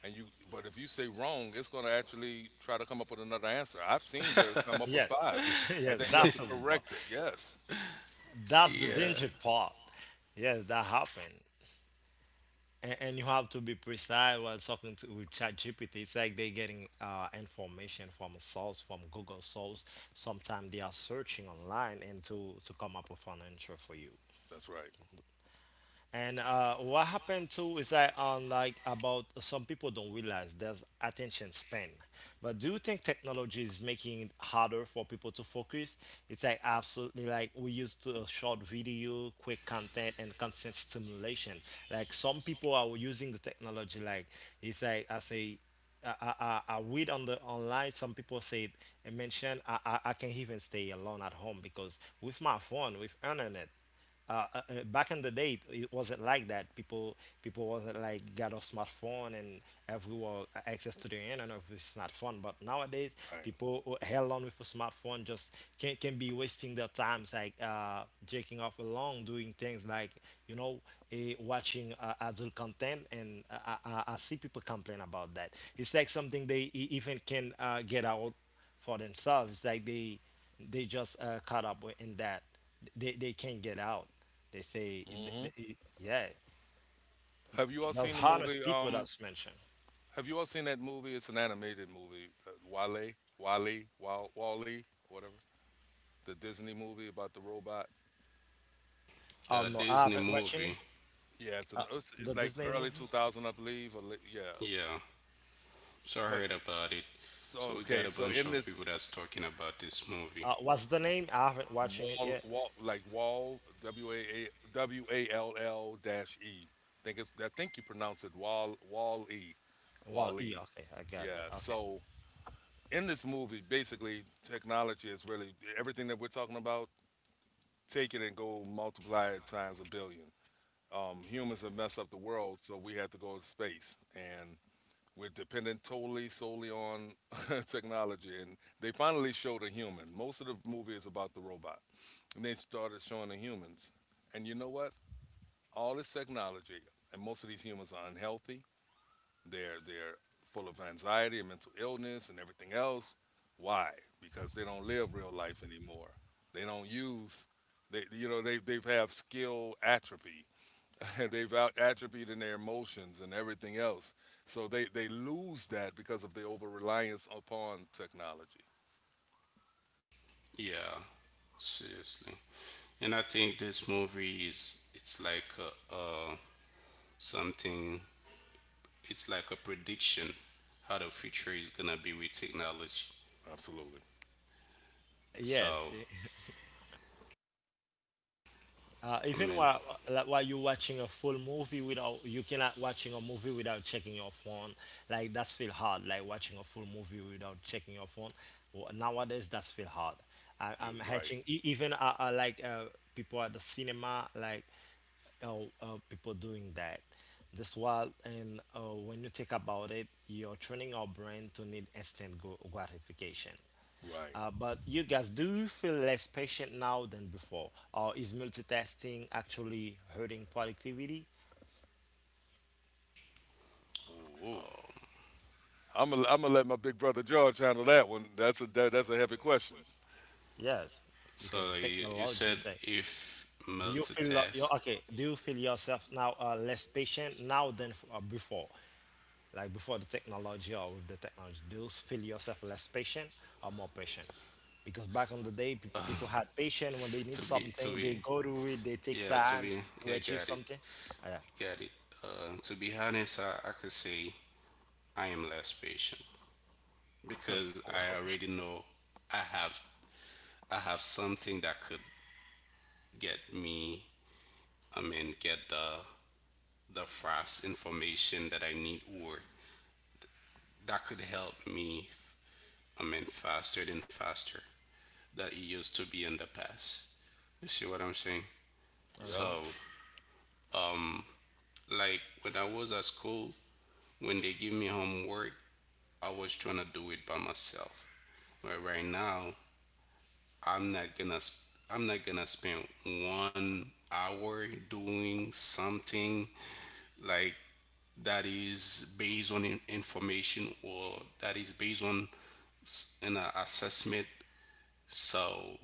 Speaker 2: and you. But if you say wrong, it's going to actually try to come up with another answer. I've seen where it come up with
Speaker 1: Yes,
Speaker 2: five,
Speaker 1: <laughs>
Speaker 2: and
Speaker 1: yes,
Speaker 2: then you have to correct it. Yes,
Speaker 1: that's the
Speaker 3: yeah.
Speaker 1: danger part. Yes, that happened. And and you have to be precise while talking to with ChatGPT. It's like they're getting information from a source, from Google source. Sometimes they are searching online and to come up with an answer for you.
Speaker 2: that's right.
Speaker 1: And what happened too is that on like about some people don't realize there's attention span. But do you think technology is making it harder for people to focus? It's like absolutely like we used to a short video, quick content, and constant stimulation. Like some people are using the technology like it's like I say I say, I read on the online some people said and mentioned I can even stay alone at home because with my phone with internet back in the day it wasn't like that people wasn't like got a smartphone and everyone access to the internet with smartphone but nowadays
Speaker 2: Right.
Speaker 1: people who held on with a smartphone just can be wasting their times like jerking off along doing things like you know watching adult content and I see people complain about that it's like something they even can get out for themselves. Like they just caught up in that. They can't get out. They say th-
Speaker 2: hmm
Speaker 1: th- it- yeah.
Speaker 2: Have you all
Speaker 1: Those
Speaker 2: seen the movie?
Speaker 1: hardest people that's mentioned.
Speaker 2: Have you all seen that movie? It's an animated movie. Wale, Wally, Wall, Wally, whatever. The Disney movie about the robot.
Speaker 1: Oh
Speaker 3: Uh,
Speaker 1: no, I
Speaker 3: Disney
Speaker 1: haven't watching it.
Speaker 3: movie.
Speaker 2: Yeah, it's an
Speaker 1: Uh,
Speaker 2: it's, it's
Speaker 1: the
Speaker 2: like
Speaker 1: Disney
Speaker 2: early two
Speaker 1: movie.
Speaker 2: thousand, I believe. Or late, yeah,
Speaker 3: Yeah, so I
Speaker 2: but
Speaker 3: heard about it.
Speaker 2: so
Speaker 3: So we
Speaker 2: okay.
Speaker 3: got a
Speaker 2: So
Speaker 3: bunch
Speaker 2: in
Speaker 3: of
Speaker 2: this
Speaker 3: people that's talking about this movie.
Speaker 1: What's the name? I haven't watching it
Speaker 2: Wall,
Speaker 1: yet.
Speaker 2: wall, like wall, WAAWALL dash E. I think you pronounce it wall, wall E,
Speaker 1: Well,
Speaker 2: wall
Speaker 1: E.
Speaker 2: E.
Speaker 1: Okay, I got it.
Speaker 2: Yeah.
Speaker 1: Okay.
Speaker 2: So in this movie, basically, technology is really everything that we're talking about. Take it and go multiply it times a billion. Humans have messed up the world, so we had to go to space, and we're dependent totally solely on <laughs> technology. And they finally showed a human. Most of the movie is about the robot. And they started showing the humans. And you know what? All this technology, and most of these humans are unhealthy. They're full of anxiety and mental illness and everything else. Why? Because they don't live real life anymore. They don't use They've have skill atrophy. <laughs> They've out atrophied in their emotions and everything else. So they lose that because of the over reliance upon technology.
Speaker 3: Yeah, seriously. And I think this movie is, it's like, something, it's like a prediction how the future is gonna be with technology.
Speaker 2: Absolutely.
Speaker 1: Yes.
Speaker 3: So, I
Speaker 1: Even
Speaker 3: mean,
Speaker 1: while like, while you're watching a full movie without you cannot watching a movie without checking your phone. Like that's feel hard. Like watching a full movie without checking your phone. Well, nowadays that's feel hard. I'm
Speaker 2: You're right.
Speaker 1: hatching e- even like people at the cinema like uh, people doing that. That's why and when you think about it, you're training our brain to need instant gratification.
Speaker 2: Right.
Speaker 1: But you guys, do you feel less patient now than before? Or is multitasking actually hurting productivity?
Speaker 2: Ooh, ooh.
Speaker 3: um,
Speaker 2: I'm gonna let my big brother George handle that one. That's a heavy question.
Speaker 1: Yes,
Speaker 3: so
Speaker 1: because
Speaker 3: you
Speaker 1: technology
Speaker 3: said
Speaker 1: say.
Speaker 3: if
Speaker 1: Do you feel you
Speaker 3: multitask,
Speaker 1: okay? Do you feel yourself now less patient now than before? Like before the technology or with the technology, do you feel yourself less patient or more patient? Because back in the day, pe people had patience when they need
Speaker 3: to
Speaker 1: something, they
Speaker 3: be
Speaker 1: go to it, they take
Speaker 3: yeah to be,
Speaker 1: times to
Speaker 3: yeah,
Speaker 1: achieve
Speaker 3: got it,
Speaker 1: something. Yeah.
Speaker 3: got it. To be honest, I could say I am less patient
Speaker 1: <laughs>
Speaker 3: because I already know I have, I have something that could get me. I mean, get the fast information that I need or that could help me, I mean, faster than faster that it used to be in the past. You see what I'm saying?
Speaker 2: Yep,
Speaker 1: Uh-huh.
Speaker 3: So, um, like when I was at school, when they give me homework, I was trying to do it by myself. But right now, I'm not gonna, I'm not gonna spend 1 hour doing something like that is based on information, or that is based on s- an assessment. So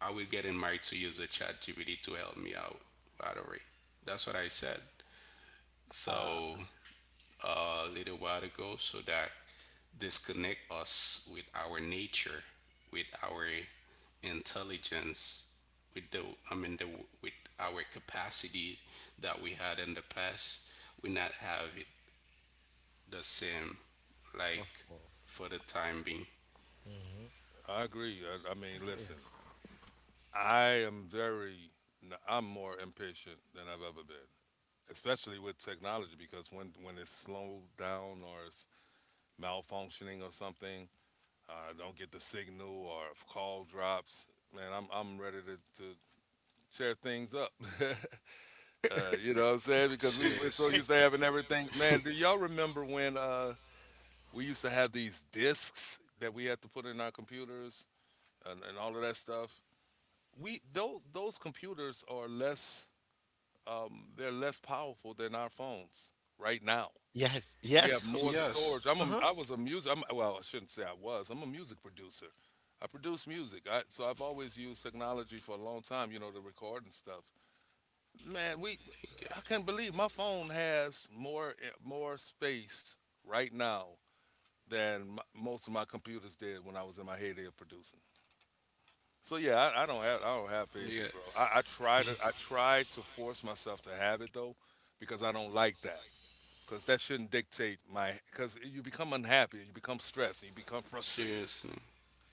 Speaker 3: I will get in my to use a chat GPT to help me out right away. That's what I said. So, a little while ago, so that disconnect us with our nature, with our intelligence, with the, I mean the, with our capacity that we had in the past, we not have it the same,
Speaker 1: Of
Speaker 3: like
Speaker 1: course.
Speaker 3: for the time being.
Speaker 1: Hmm
Speaker 2: I agree. I mean,
Speaker 1: Yeah.
Speaker 2: listen, I am very I'm more impatient than I've ever been, especially with technology because when it's slowed down or it's malfunctioning or something, don't get the signal or if call drops, man, I'm ready to tear things up, <laughs> uh, you know what I'm saying? Because we're so
Speaker 3: Seriously.
Speaker 2: used to having everything. Man, do y'all remember when we used to have these discs that we had to put in our computers, and all of that stuff. We Those computers are less, they're less powerful than our phones right now.
Speaker 1: Yes.
Speaker 2: We have
Speaker 1: Yes.
Speaker 2: more
Speaker 1: <laughs>
Speaker 2: storage.
Speaker 3: Yes.
Speaker 2: I'm a,
Speaker 1: Uh-huh.
Speaker 2: I was a music. Well, I shouldn't say I was. I'm a music producer. I produce music. So I've always used technology for a long time. You know, to record and stuff. Man, we
Speaker 3: I get
Speaker 2: I can't believe my phone has more, more space right now than m most of my computers did when I was in my heyday of producing. So yeah, I don't have
Speaker 3: it. Yeah.
Speaker 2: patience, bro. I try to force myself to have it though, because I don't like that. Because that shouldn't dictate my. Because you become unhappy, you become stressed, and you become frustrated.
Speaker 3: Seriously.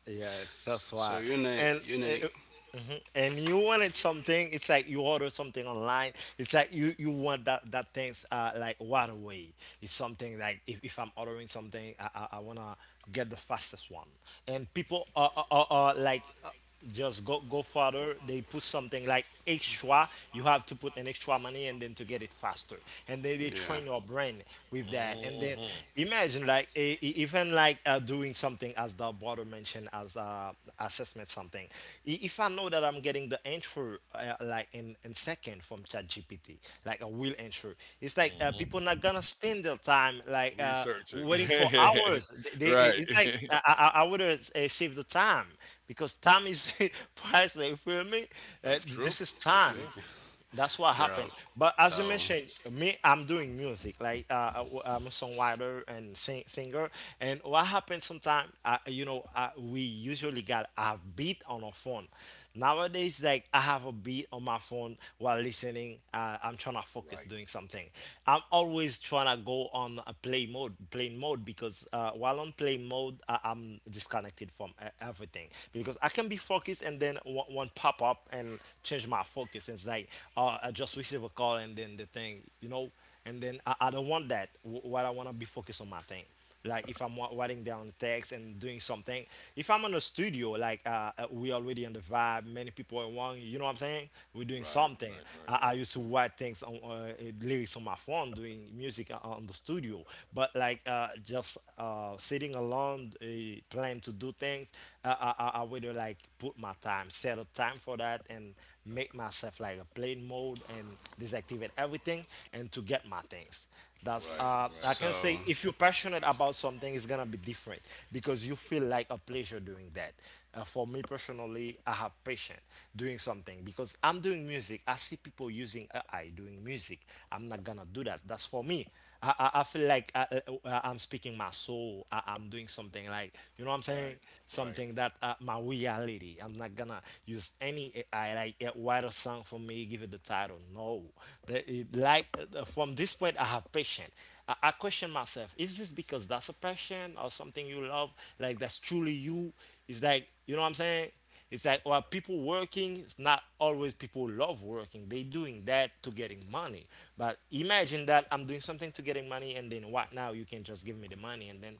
Speaker 1: Yes, that's
Speaker 3: So
Speaker 1: why. And
Speaker 3: you need,
Speaker 1: mhm. And you wanted something. It's like you order something online. It's like you want that things like right away. It's something like if I'm ordering something, I wanna get the fastest one. And people are like just go further. They put something like extra you have to put an extra money and then to get it faster and then they
Speaker 3: yeah.
Speaker 1: train your brain with that and then
Speaker 2: hmm
Speaker 1: imagine like even like doing something as the border mentioned as assessment something if I know that I'm getting the entry, in second from ChatGPT. Like I will ensure. It's like
Speaker 2: hmm
Speaker 1: people not gonna spend their time like
Speaker 2: Researching.
Speaker 1: waiting for hours.
Speaker 2: <laughs> Right.
Speaker 1: It's like
Speaker 2: <laughs>
Speaker 1: I would save the time because time is <laughs> priceless. You feel me?
Speaker 2: That's true.
Speaker 1: This is
Speaker 2: That's
Speaker 1: time.
Speaker 2: true.
Speaker 3: Okay.
Speaker 1: That's what happened.
Speaker 3: Bro,
Speaker 1: But as you
Speaker 3: so,
Speaker 1: mentioned, me, I'm doing music. Like I'm a songwriter and singer. And what happens sometimes, you know, we usually got a beat on our phone. Nowadays, like I have a beat on my phone while listening. I'm trying to focus
Speaker 2: Right.
Speaker 1: doing something. I'm always trying to go on a plane mode, because while on plane mode, I'm disconnected from everything because I can be focused and then one pop up and change my focus. And it's like I just receive a call and then the thing, you know, and then I don't want that. What I want to be focused on my thing. Like if I'm writing down the text and doing something, if I'm in a studio, like we already in the vibe, many people are one, you know what I'm saying? We're doing
Speaker 2: Right.
Speaker 1: something.
Speaker 2: Right. Right.
Speaker 1: I
Speaker 2: Right.
Speaker 1: used to write things on lyrics on my phone, doing music on the studio. But like just sitting alone, planning to do things, I would like put my time, set a time for that, and make myself like a plane mode and deactivate everything and to get my things. That's
Speaker 2: Right.
Speaker 1: I
Speaker 2: Right.
Speaker 1: can
Speaker 3: so
Speaker 1: say if you're passionate about something, it's gonna be different because you feel like a pleasure doing that. For me personally, I have passion doing something because I'm doing music. I see people using AI doing music. I'm not gonna do that. That's for me. I feel like I'm speaking my soul. I'm doing something like, you know what I'm saying?
Speaker 2: Right. Right.
Speaker 1: Something that my reality me. I'm not gonna use any AI like write a song for me, give it the title. No. From this point, I have passion. I question myself: is this because that's a passion or something you love? Like that's truly you? It's like, you know what I'm saying. It's like, while people working, it's not always people love working. They doing that to getting money. But imagine that I'm doing something to getting money, and then what now? You can just give me the money, and then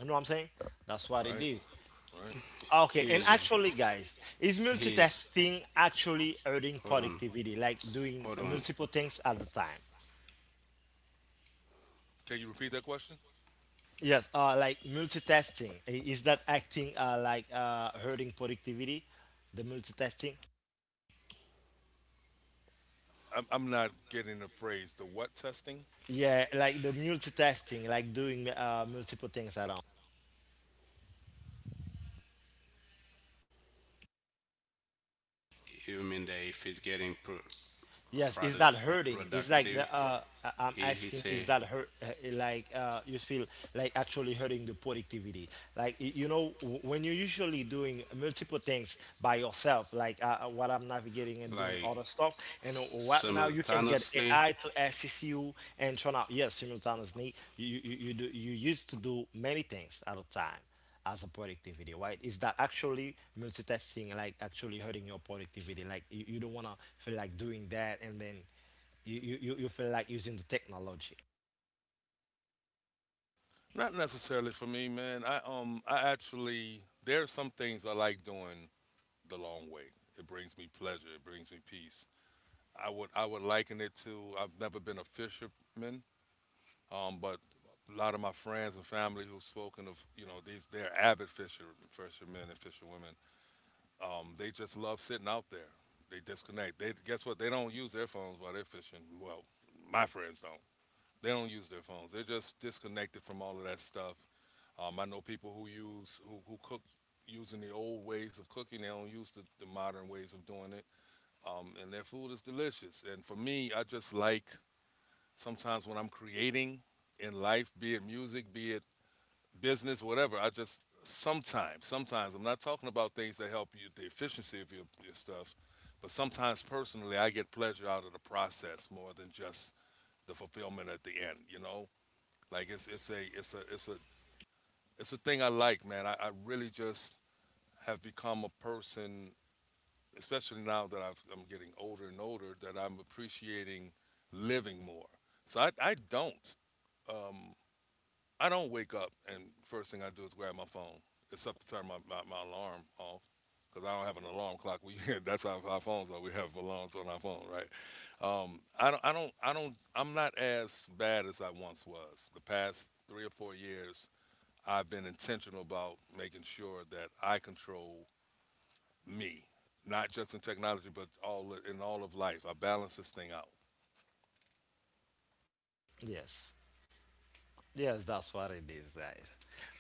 Speaker 1: you know what I'm saying? That's what it
Speaker 2: Right.
Speaker 1: is.
Speaker 2: Right.
Speaker 1: Okay, and
Speaker 3: here's,
Speaker 1: actually, guys, is
Speaker 3: here's,
Speaker 1: multitasking actually hurting
Speaker 3: hold on,
Speaker 1: productivity? Like doing
Speaker 3: hold on.
Speaker 1: multiple things at the time?
Speaker 2: Can you repeat that question?
Speaker 1: Yes, like multitasking. Is that acting like hurting productivity? The multitasking?
Speaker 2: I'm not getting the phrase the what testing.
Speaker 1: Yeah, like the multitasking, like doing multiple things at once.
Speaker 3: You mean that if he's getting
Speaker 1: Yes, is that
Speaker 3: product
Speaker 1: hurting? It's like the
Speaker 3: productive,
Speaker 1: I'm
Speaker 3: he he'd
Speaker 1: asking, is
Speaker 3: say
Speaker 1: that hurt? Like you feel like actually hurting the productivity? Like you know, when you're usually doing multiple things by yourself, like what I'm navigating and doing
Speaker 3: like
Speaker 1: other stuff, and what now you can get AI
Speaker 3: simultaneously.
Speaker 1: to assist you and turn out. Yes, simultaneously, you used to do many things at a time as a productivity, right? Is that actually multitasking like actually hurting your productivity? Like you don't want to feel like doing that, and then you feel like using the technology.
Speaker 2: Not necessarily for me, man. I actually there are some things I like doing the long way. It brings me pleasure. It brings me peace. I would liken it to I've never been a fisherman, but a lot of my friends and family who've spoken of, these they're avid fishermen and fisherwomen. They just love sitting out there. They disconnect. They guess what? They don't use their phones while they're fishing. Well, my friends don't. They don't use their phones. They're just disconnected from all of that stuff. I know people who cook using the old ways of cooking. They don't use the modern ways of doing it. And their food is delicious. And for me, I just like sometimes when I'm creating in life, be it music, be it business, whatever. I just sometimes I'm not talking about things that help you the efficiency of your stuff, but sometimes personally, I get pleasure out of the process more than just the fulfillment at the end. You know, like it's a it's a it's a it's a thing I like, man. I really just have become a person, especially now that I'm getting older and older, that I'm appreciating living more. So I don't wake up and first thing I do is grab my phone, except to turn my alarm off because I don't have an alarm clock. We <laughs> that's how our phones are. We have alarms on our phone, right? I'm not as bad as I once was. The past 3 or 4 years, I've been intentional about making sure that I control me, not just in technology, but all in all of life. I balance this thing out.
Speaker 1: Yes. Yes, that's what it is, guys.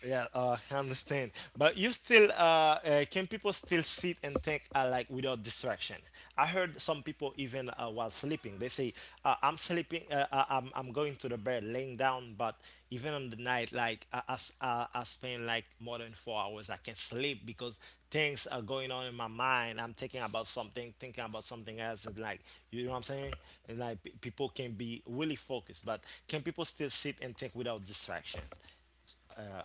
Speaker 1: Yeah, <laughs> I understand. But you still, can people still sit and think like without distraction? I heard some people even while sleeping, they say, "I'm sleeping, I'm going to the bed, laying down." But even on the night, like I spend like more than 4 hours, I can't sleep because things are going on in my mind. I'm thinking about something else. And like, you know what I'm saying? And like, people can be really focused, but can people still sit and think without distraction? Uh,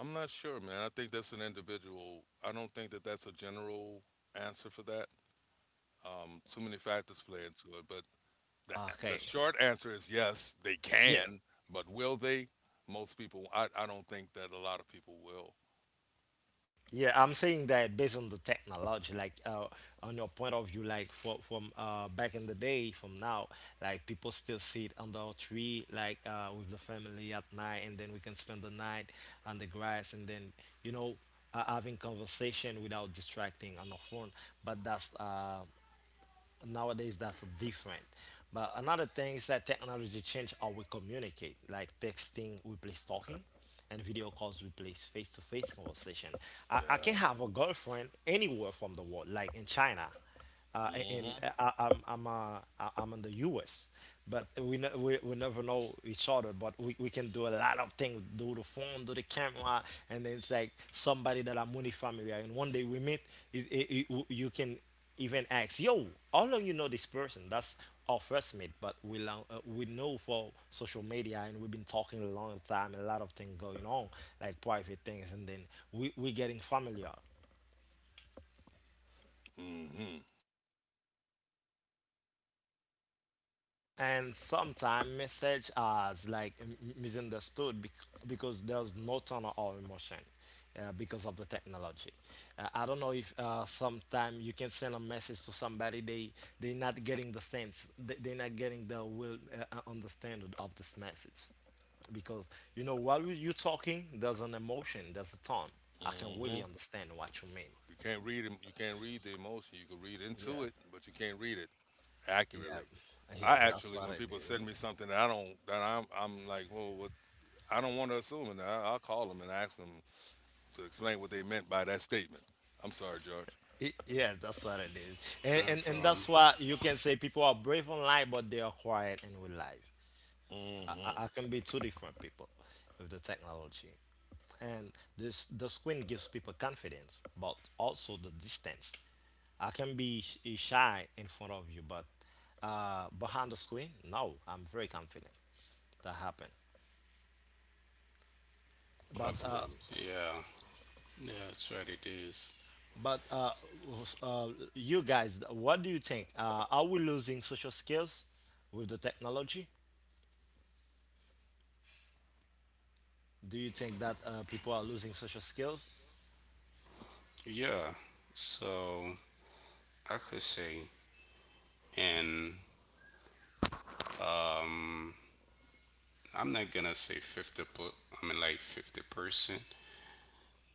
Speaker 2: I'm not sure, man. I think that's an individual. I don't think that that's a general answer for that. Too many factors play into it, but the
Speaker 1: okay.
Speaker 2: short answer is yes, they
Speaker 1: Yes.
Speaker 2: can, but will they? Most people, I don't think that a lot of people will.
Speaker 1: Yeah, I'm saying that based on the technology, like on your point of view, like from back in the day, from now, like people still sit under a tree, like with the family at night, and then we can spend the night on the grass, and then you know having conversation without distracting on the phone. But that's nowadays that's different. But another thing is that technology changed how we communicate. Like texting replace talking, and video calls replace face-to-face conversation. I can
Speaker 2: Yeah.
Speaker 1: have a girlfriend anywhere from the world, like in China, in I'm in the U.S., but we, ne- we never know each other. But we can do a lot of things, do the phone, do the camera, and then it's like somebody that I'm really familiar. And one day we meet, you can even ask, "Yo, how long you know this person?" That's our first meet, but we long, we know for social media, and we've been talking a long time, a lot of things going on, like private things, and then we getting familiar.
Speaker 2: hmm hmm
Speaker 1: And sometimes message as like misunderstood because there's no tunnel or emotion, because of the technology. I don't know if sometime you can send a message to somebody, they not getting the sense, they're not getting the will understanding of this message, because you know while you talking there's an emotion, there's a tone. I can
Speaker 2: hmm
Speaker 1: really understand what you mean.
Speaker 2: You can't read you can't read the emotion. You can read into
Speaker 1: Yeah.
Speaker 2: it, but you can't read it
Speaker 1: Yeah,
Speaker 2: accurately. I
Speaker 1: yes, that's
Speaker 2: actually,
Speaker 1: what
Speaker 2: when
Speaker 1: it
Speaker 2: people
Speaker 1: is.
Speaker 2: send me something that I don't that I'm like, well, what, I don't want to assume, and I'll call them and ask them to explain what they meant by that statement. I'm sorry, George.
Speaker 1: I- Yeah, that's what it is. And
Speaker 3: No
Speaker 1: and
Speaker 3: problem.
Speaker 1: that's why you can say people are brave online, but they are quiet in real life.
Speaker 2: hmm
Speaker 1: I can be two different people with the technology. And this the screen gives people confidence, but also the distance. I can be shy in front of you, but behind the screen, no, I'm very confident. That happened, but
Speaker 2: Absolutely.
Speaker 3: Yeah, yeah, that's what it is.
Speaker 1: but uh, you guys, what do you think? Are we losing social skills with the technology? Do you think that people are losing social skills?
Speaker 3: Yeah. So I could say, and um I'm not gonna say 50 I mean like 50%,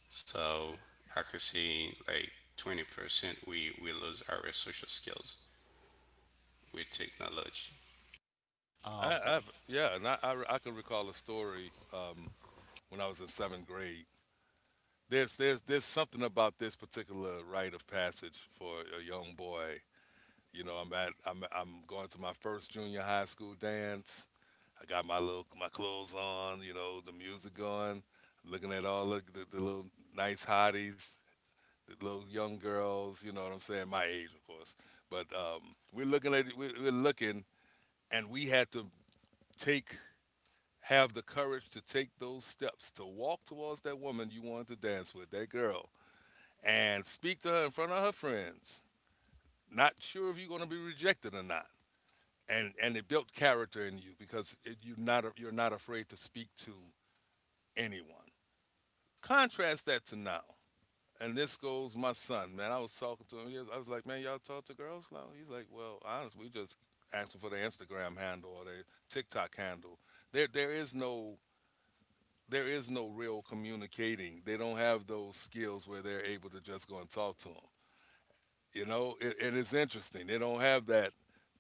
Speaker 3: so I could say like 20% we lose our social skills with technology,
Speaker 1: Oh,
Speaker 2: I,
Speaker 1: okay.
Speaker 2: I've Yeah, and I can recall a story, when I was in seventh grade. There's something about this particular rite of passage for a young boy. You know, I'm at I'm going to my first junior high school dance. I got my clothes on, you know, the music going. I'm looking at all the little nice hotties, the little young girls, you know what I'm saying? My age, of course. But we're looking at, we're looking, and we had to take have the courage to take those steps to walk towards that woman you wanted to dance with, that girl, and speak to her in front of her friends. Not sure if you're going to be rejected or not. And it built character in you because it, you not you're not afraid to speak to anyone. Contrast that to now, and this goes my son. Man, I was talking to him. I was like, man, y'all talk to girls now? He's like, well, honestly, we just asked him for their Instagram handle or their TikTok handle. There there is no there is no real communicating. They don't have those skills where they're able to just go and talk to them. You know, and it's interesting. They don't have that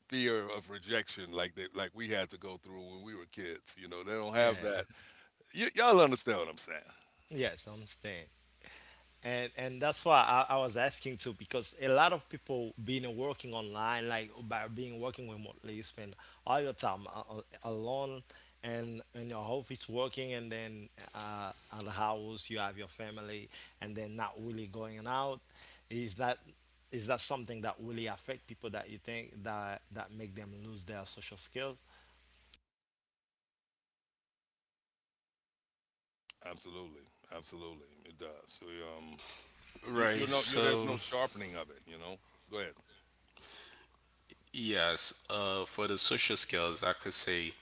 Speaker 2: fear of rejection like we had to go through when we were kids. You know, they don't have
Speaker 1: Yeah.
Speaker 2: that. Y'all understand what I'm saying?
Speaker 1: Yes, I understand. And that's why I was asking too, because a lot of people being working online, like by being working remotely, you spend all your time alone and in your office working, and then at the house you have your family, and then not really going out. Is that, is that something that really affect people, that you think that that make them lose their social skills?
Speaker 2: Absolutely, absolutely, it does. So, you you
Speaker 3: right?
Speaker 2: know, you there's
Speaker 3: So
Speaker 2: no sharpening of it. You know, go ahead.
Speaker 3: yes, for the social skills I could say,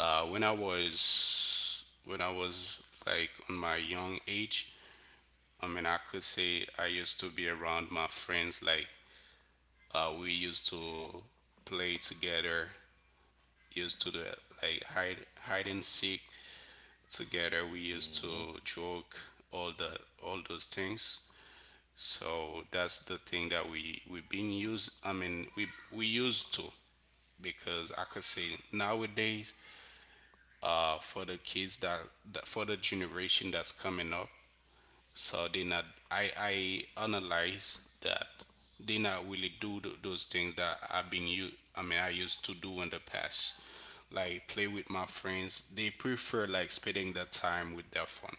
Speaker 3: when I was like on my young age, I mean I could say I used to be around my friends. Like, we used to play together, used to do like hide and seek together. We used
Speaker 2: Hmm.
Speaker 3: to joke, all the, all those things. So that's the thing that we we've been used. I mean, we used to, because I could say nowadays, for the kids that, that for the generation that's coming up, so they not I I analyze that they not really do those things that I've been you I mean I used to do in the past, like play with my friends. They prefer like spending that time with their phone.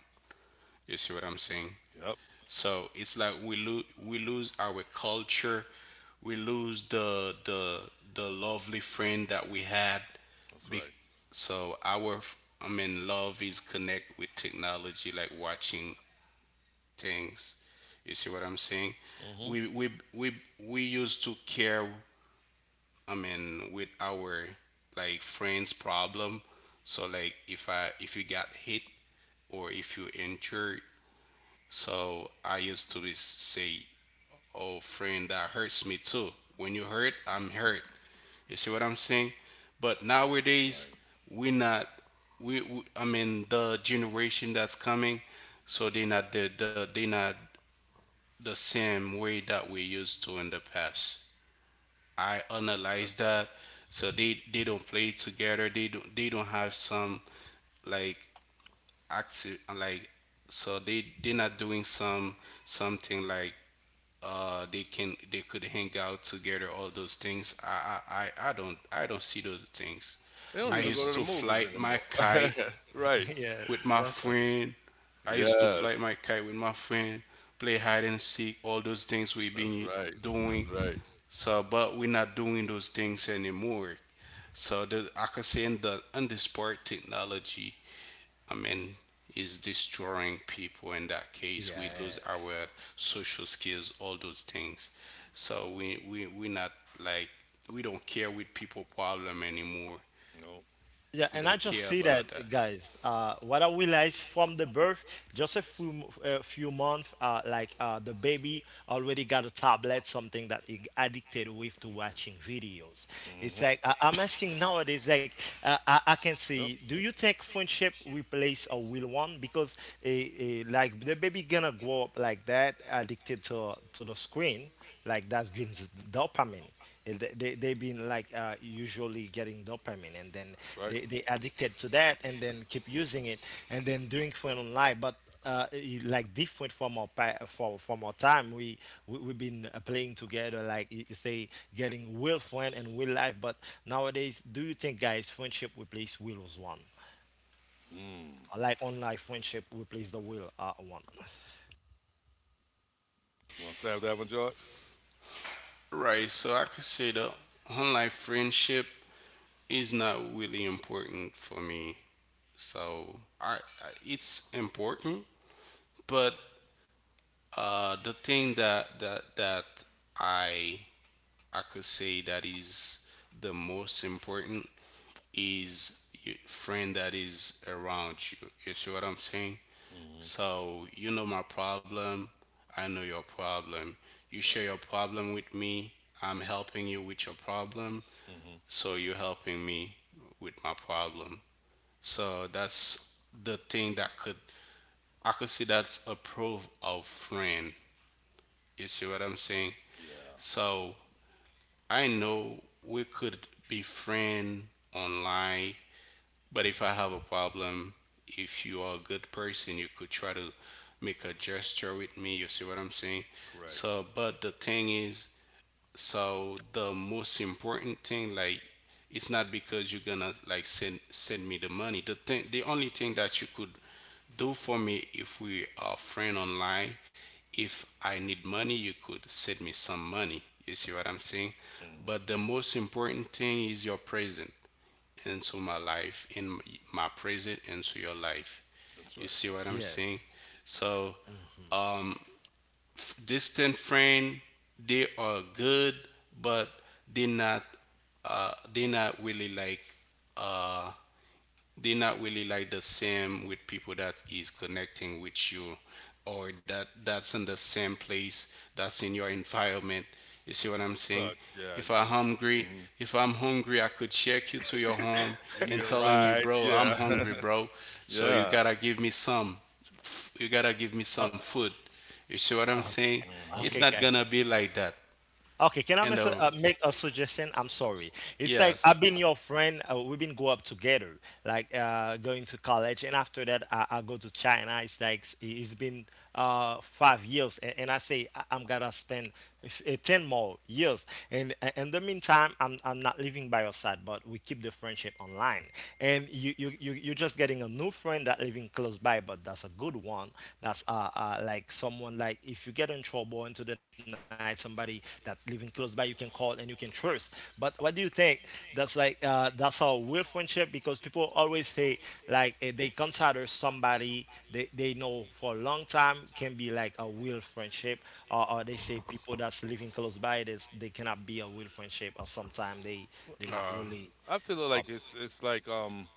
Speaker 3: You see what I'm saying?
Speaker 2: Yep,
Speaker 3: So it's like, we lose our culture, we lose the the lovely friend that we had.
Speaker 2: that's
Speaker 3: Be-
Speaker 2: right.
Speaker 3: so our I mean love is connect with technology, like watching things. You see what I'm saying?
Speaker 2: Hmm.
Speaker 3: We we we we used to care, I mean, with our like friends' problem. So like, if I if you got hit or if you injured, so I used to be say, "Oh, friend, that hurts me too." When you hurt, I'm hurt. You see what I'm saying? But nowadays,
Speaker 2: Right,
Speaker 3: we not we, I mean the generation that's coming, so they not the, they not the same way that we used to in the past. I analyze
Speaker 2: that's right.
Speaker 3: that. So they don't play together. They don't have some like active like so they're not doing some something like they could hang out together, all those things. I don't I don't see those things.
Speaker 2: They don't
Speaker 3: I
Speaker 1: Yeah.
Speaker 2: even go
Speaker 3: used
Speaker 2: to the
Speaker 3: to
Speaker 2: movies
Speaker 3: fly my
Speaker 2: anymore.
Speaker 3: kite
Speaker 2: <laughs> Right.
Speaker 1: <laughs>
Speaker 3: with
Speaker 1: Yes,
Speaker 3: my
Speaker 1: that's what it.
Speaker 3: friend. I used to fly
Speaker 2: Yes,
Speaker 3: my kite with my friend, play hide and seek, all those things we've
Speaker 2: that's
Speaker 3: been
Speaker 2: right. That's
Speaker 3: doing.
Speaker 2: right.
Speaker 3: So, but we're not doing those things anymore. So, I could say in the in this part, technology, I mean, is destroying people. In that case, we lose
Speaker 1: Yes.
Speaker 3: our social skills, all those things. So we not like we don't care with people problem anymore.
Speaker 2: No.
Speaker 1: Yeah,
Speaker 3: We
Speaker 1: and I
Speaker 3: don't
Speaker 1: just
Speaker 3: care
Speaker 1: see that,
Speaker 3: about that.
Speaker 1: guys. What I realized from the birth, just a few months, like the baby already got a tablet, something that he addicted with to watching videos. It's
Speaker 2: Hmm.
Speaker 1: like I'm asking nowadays, like I can
Speaker 2: Yep,
Speaker 1: see, do you think friendship replace a real one? Because like the baby gonna grow up like that, addicted to the screen, like that brings dopamine. And they've been like usually getting dopamine, and then
Speaker 2: that's right.
Speaker 1: they addicted to that and then keep using it and then doing for online. But like different from our pa- for from our time, we've been playing together, like you say, getting real friend and real life. But nowadays, do you think, guys, friendship replace real one?
Speaker 2: Mm.
Speaker 1: Like online friendship replace the real one?
Speaker 2: You want to have that one, George?
Speaker 3: Right. So I could say the online friendship is not really important for me. So I it's important, but the thing that I I could say that is the most important is your friend that is around you. You see what I'm saying?
Speaker 2: Hmm.
Speaker 3: So you know my problem, I know your problem. You share
Speaker 2: Right.
Speaker 3: your problem with me, I'm helping you with your problem,
Speaker 2: Hmm.
Speaker 3: so you're helping me with my problem. So that's the thing that could I could say that's a proof of friend. You see what I'm saying?
Speaker 2: Yeah.
Speaker 3: So I know we could be friend online, but if I have a problem, if you are a good person, you could try to make a gesture with me. You see what I'm saying?
Speaker 2: Correct.
Speaker 3: So, but the thing is, so the most important thing, like, it's not because you're gonna like send me the money, the thing, the only thing that you could do for me if we are friend online, if I need money you could send me some money. You see what I'm saying?
Speaker 2: Mhm.
Speaker 3: But the most important thing is your present into my life, in my present into your life.
Speaker 2: That's
Speaker 3: You
Speaker 2: right.
Speaker 3: see what I'm
Speaker 1: Yes.
Speaker 3: saying? So
Speaker 1: Hmm.
Speaker 3: um, distant friend, they are good, but they're not, they're not really like, uh they're not really like the same with people that is connecting with you, or that's in the same place, that's in your environment. You see
Speaker 2: That
Speaker 3: what
Speaker 2: you
Speaker 3: I'm
Speaker 2: could
Speaker 3: saying?
Speaker 2: touch. Yeah,
Speaker 3: If
Speaker 2: you
Speaker 3: I'm
Speaker 2: can.
Speaker 3: hungry,
Speaker 2: Mhm.
Speaker 3: if I'm hungry I could check you to your home
Speaker 2: If you need
Speaker 3: and
Speaker 2: a
Speaker 3: telling you,
Speaker 2: ride,
Speaker 3: "Bro, I'm
Speaker 2: yeah,
Speaker 3: hungry, bro,
Speaker 2: <laughs>
Speaker 3: so you
Speaker 2: yeah.
Speaker 3: gotta give me some you gotta give me some
Speaker 1: But
Speaker 3: food." You see what I'm
Speaker 1: uh,
Speaker 3: saying?
Speaker 2: Hmm.
Speaker 3: It's
Speaker 1: okay,
Speaker 3: not
Speaker 1: guys.
Speaker 3: gonna be like that.
Speaker 1: Okay, can I
Speaker 3: And
Speaker 1: make a suggestion? I'm sorry. It's like I've
Speaker 3: yes.
Speaker 1: been your friend. We've been go up together, like going to college, and after that, I go to China. It's like it's been 5 years, and I say I'm gonna spend 10 more years. And in the meantime, I'm not living by your side, but we keep the friendship online. And you're just getting a new friend that living close by, but that's a good one. That's like someone, like if you get in trouble into the night, somebody that living close by you can call and you can trust. But what do you think? That's like that's our real friendship, because people always say like they consider somebody they know for a long time can be like a real friendship. Or they say people that's living close by, this they cannot be a real friendship, or sometimes they not
Speaker 3: Uh,
Speaker 1: really
Speaker 2: I feel like
Speaker 1: couple.
Speaker 2: it's like.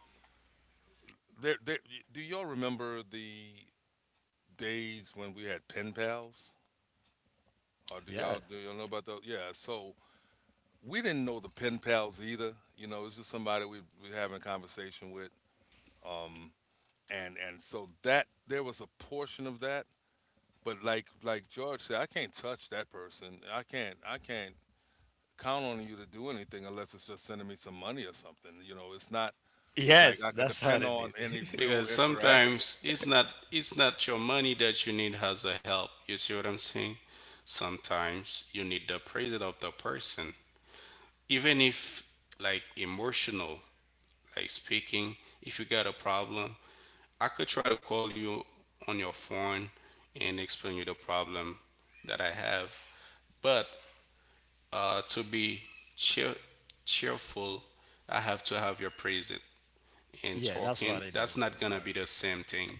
Speaker 2: There, there, do y'all remember the days when we had pen pals? Or
Speaker 1: Yeah.
Speaker 2: do y'all know about those? Yeah. So we didn't know the pen pals either. You know, it's just somebody we having a conversation with. Um. And so that there was a portion of that. But like George said, I can't touch that person. I can't count on you to do anything unless it's just sending me some money or something. You know, it's not like I
Speaker 1: Yes,
Speaker 2: could
Speaker 1: that's what
Speaker 2: depend
Speaker 1: it
Speaker 2: on any
Speaker 1: is.
Speaker 2: real
Speaker 3: because
Speaker 2: interaction.
Speaker 3: sometimes it's not, it's not your money that you need as a help. You see what I'm saying? Sometimes you need the praise of the person, even if, like, emotional, like, speaking, if you got a problem I could try to call you on your phone and explain you the problem that I have. But to be cheer- cheerful I have to have your praise,
Speaker 1: <laughs>
Speaker 3: and
Speaker 1: Yeah, that's
Speaker 3: talking,
Speaker 1: what it
Speaker 3: that's
Speaker 1: is.
Speaker 3: not
Speaker 2: That's
Speaker 3: gonna
Speaker 2: right.
Speaker 3: be the same thing.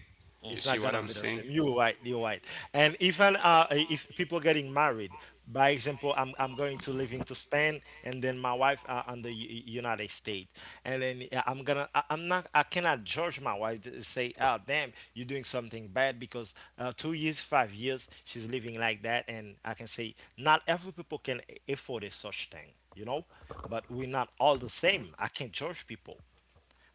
Speaker 3: You
Speaker 1: It's not
Speaker 3: see
Speaker 2: Mm-mm.
Speaker 3: what
Speaker 1: gonna
Speaker 3: I'm
Speaker 1: be the same.
Speaker 3: saying?
Speaker 1: You're right. You're right. And even if people getting married, by example, I'm going to live into Spain, and then my wife on the United States, and then I'm not, I cannot judge my wife to say, oh damn, you're doing something bad because 2 years, 5 years, she's living like that. And I can say not every people can afford a such thing, you know, but we're not all the same. I can't judge people.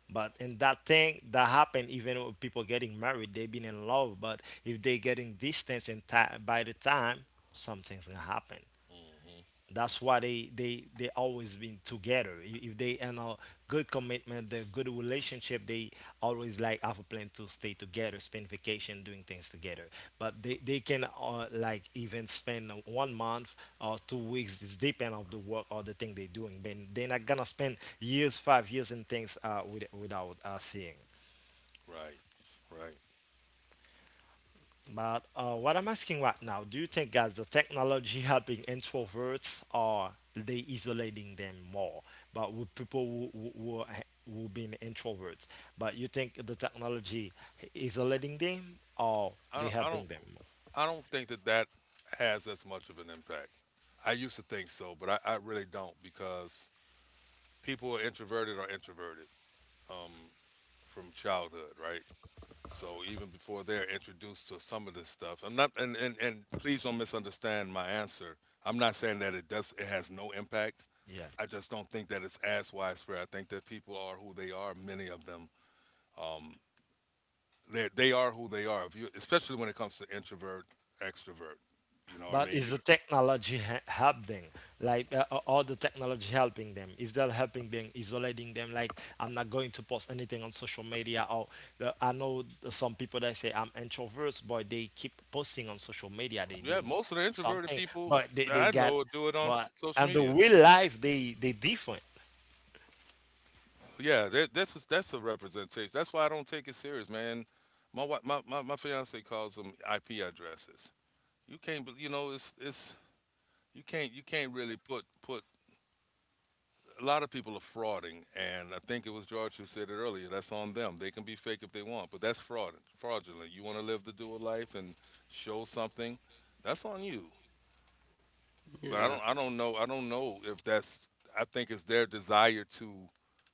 Speaker 1: But in that thing that happened, even with people getting married, they've been in love. But if they getting distance and time, by the time something's gonna happen.
Speaker 2: Hmm.
Speaker 1: That's why they always been together. I- If they in a good commitment, the good relationship, they always like have a plan to stay together, spend vacation, doing things together. But they can like even spend 1 month or 2 weeks. It's depend of the work or the thing they're doing. Then they're not gonna spend years, 5 years and things without seeing.
Speaker 2: Right. Right.
Speaker 1: But what I'm asking right now, do you think, guys, the technology <laughs> helping introverts, or they isolating them more? But with people who who been introverts, but you think the technology isolating them or
Speaker 2: I
Speaker 1: they
Speaker 2: don't I
Speaker 1: helping
Speaker 2: don't
Speaker 1: them?
Speaker 2: I don't think that that has as much of an impact. I used to think so, but I really don't because people are introverted or introverted um, from childhood, right? So even before they're introduced to some of this stuff, I'm not, and please don't misunderstand my answer. I'm not saying that it does, it has no impact.
Speaker 1: Yeah.
Speaker 2: I just don't think that it's as widespread. I think that people are who they are. Many of them, um, they are who they are. If you, especially when it comes to introvert, extrovert. You know what I
Speaker 1: But
Speaker 2: mean?
Speaker 1: is the technology help them? Like all the technology helping them? Is that helping them, isolating them? Like I'm not going to post anything on social media. Or the, I know some people that say I'm introverts, but they keep posting on social media. They
Speaker 2: Yeah,
Speaker 1: doing
Speaker 2: most of the introverted
Speaker 1: something,
Speaker 2: people
Speaker 1: but
Speaker 2: that
Speaker 1: they
Speaker 2: I
Speaker 1: got,
Speaker 2: know do it on
Speaker 1: but
Speaker 2: social
Speaker 1: and the
Speaker 2: media.
Speaker 1: real life they different.
Speaker 2: Yeah, that, this is that's a representation. That's why I don't take it serious, man. My wi- my fiance calls them IP addresses. You can't, you know, it's you can't really put a lot of people are frauding, and I think it was George who said it earlier. That's on them. They can be fake if they want, but that's fraudulent. You want to live the dual life and show something, that's on you. But
Speaker 3: Yeah.
Speaker 2: I don't know if that's. I think it's their desire to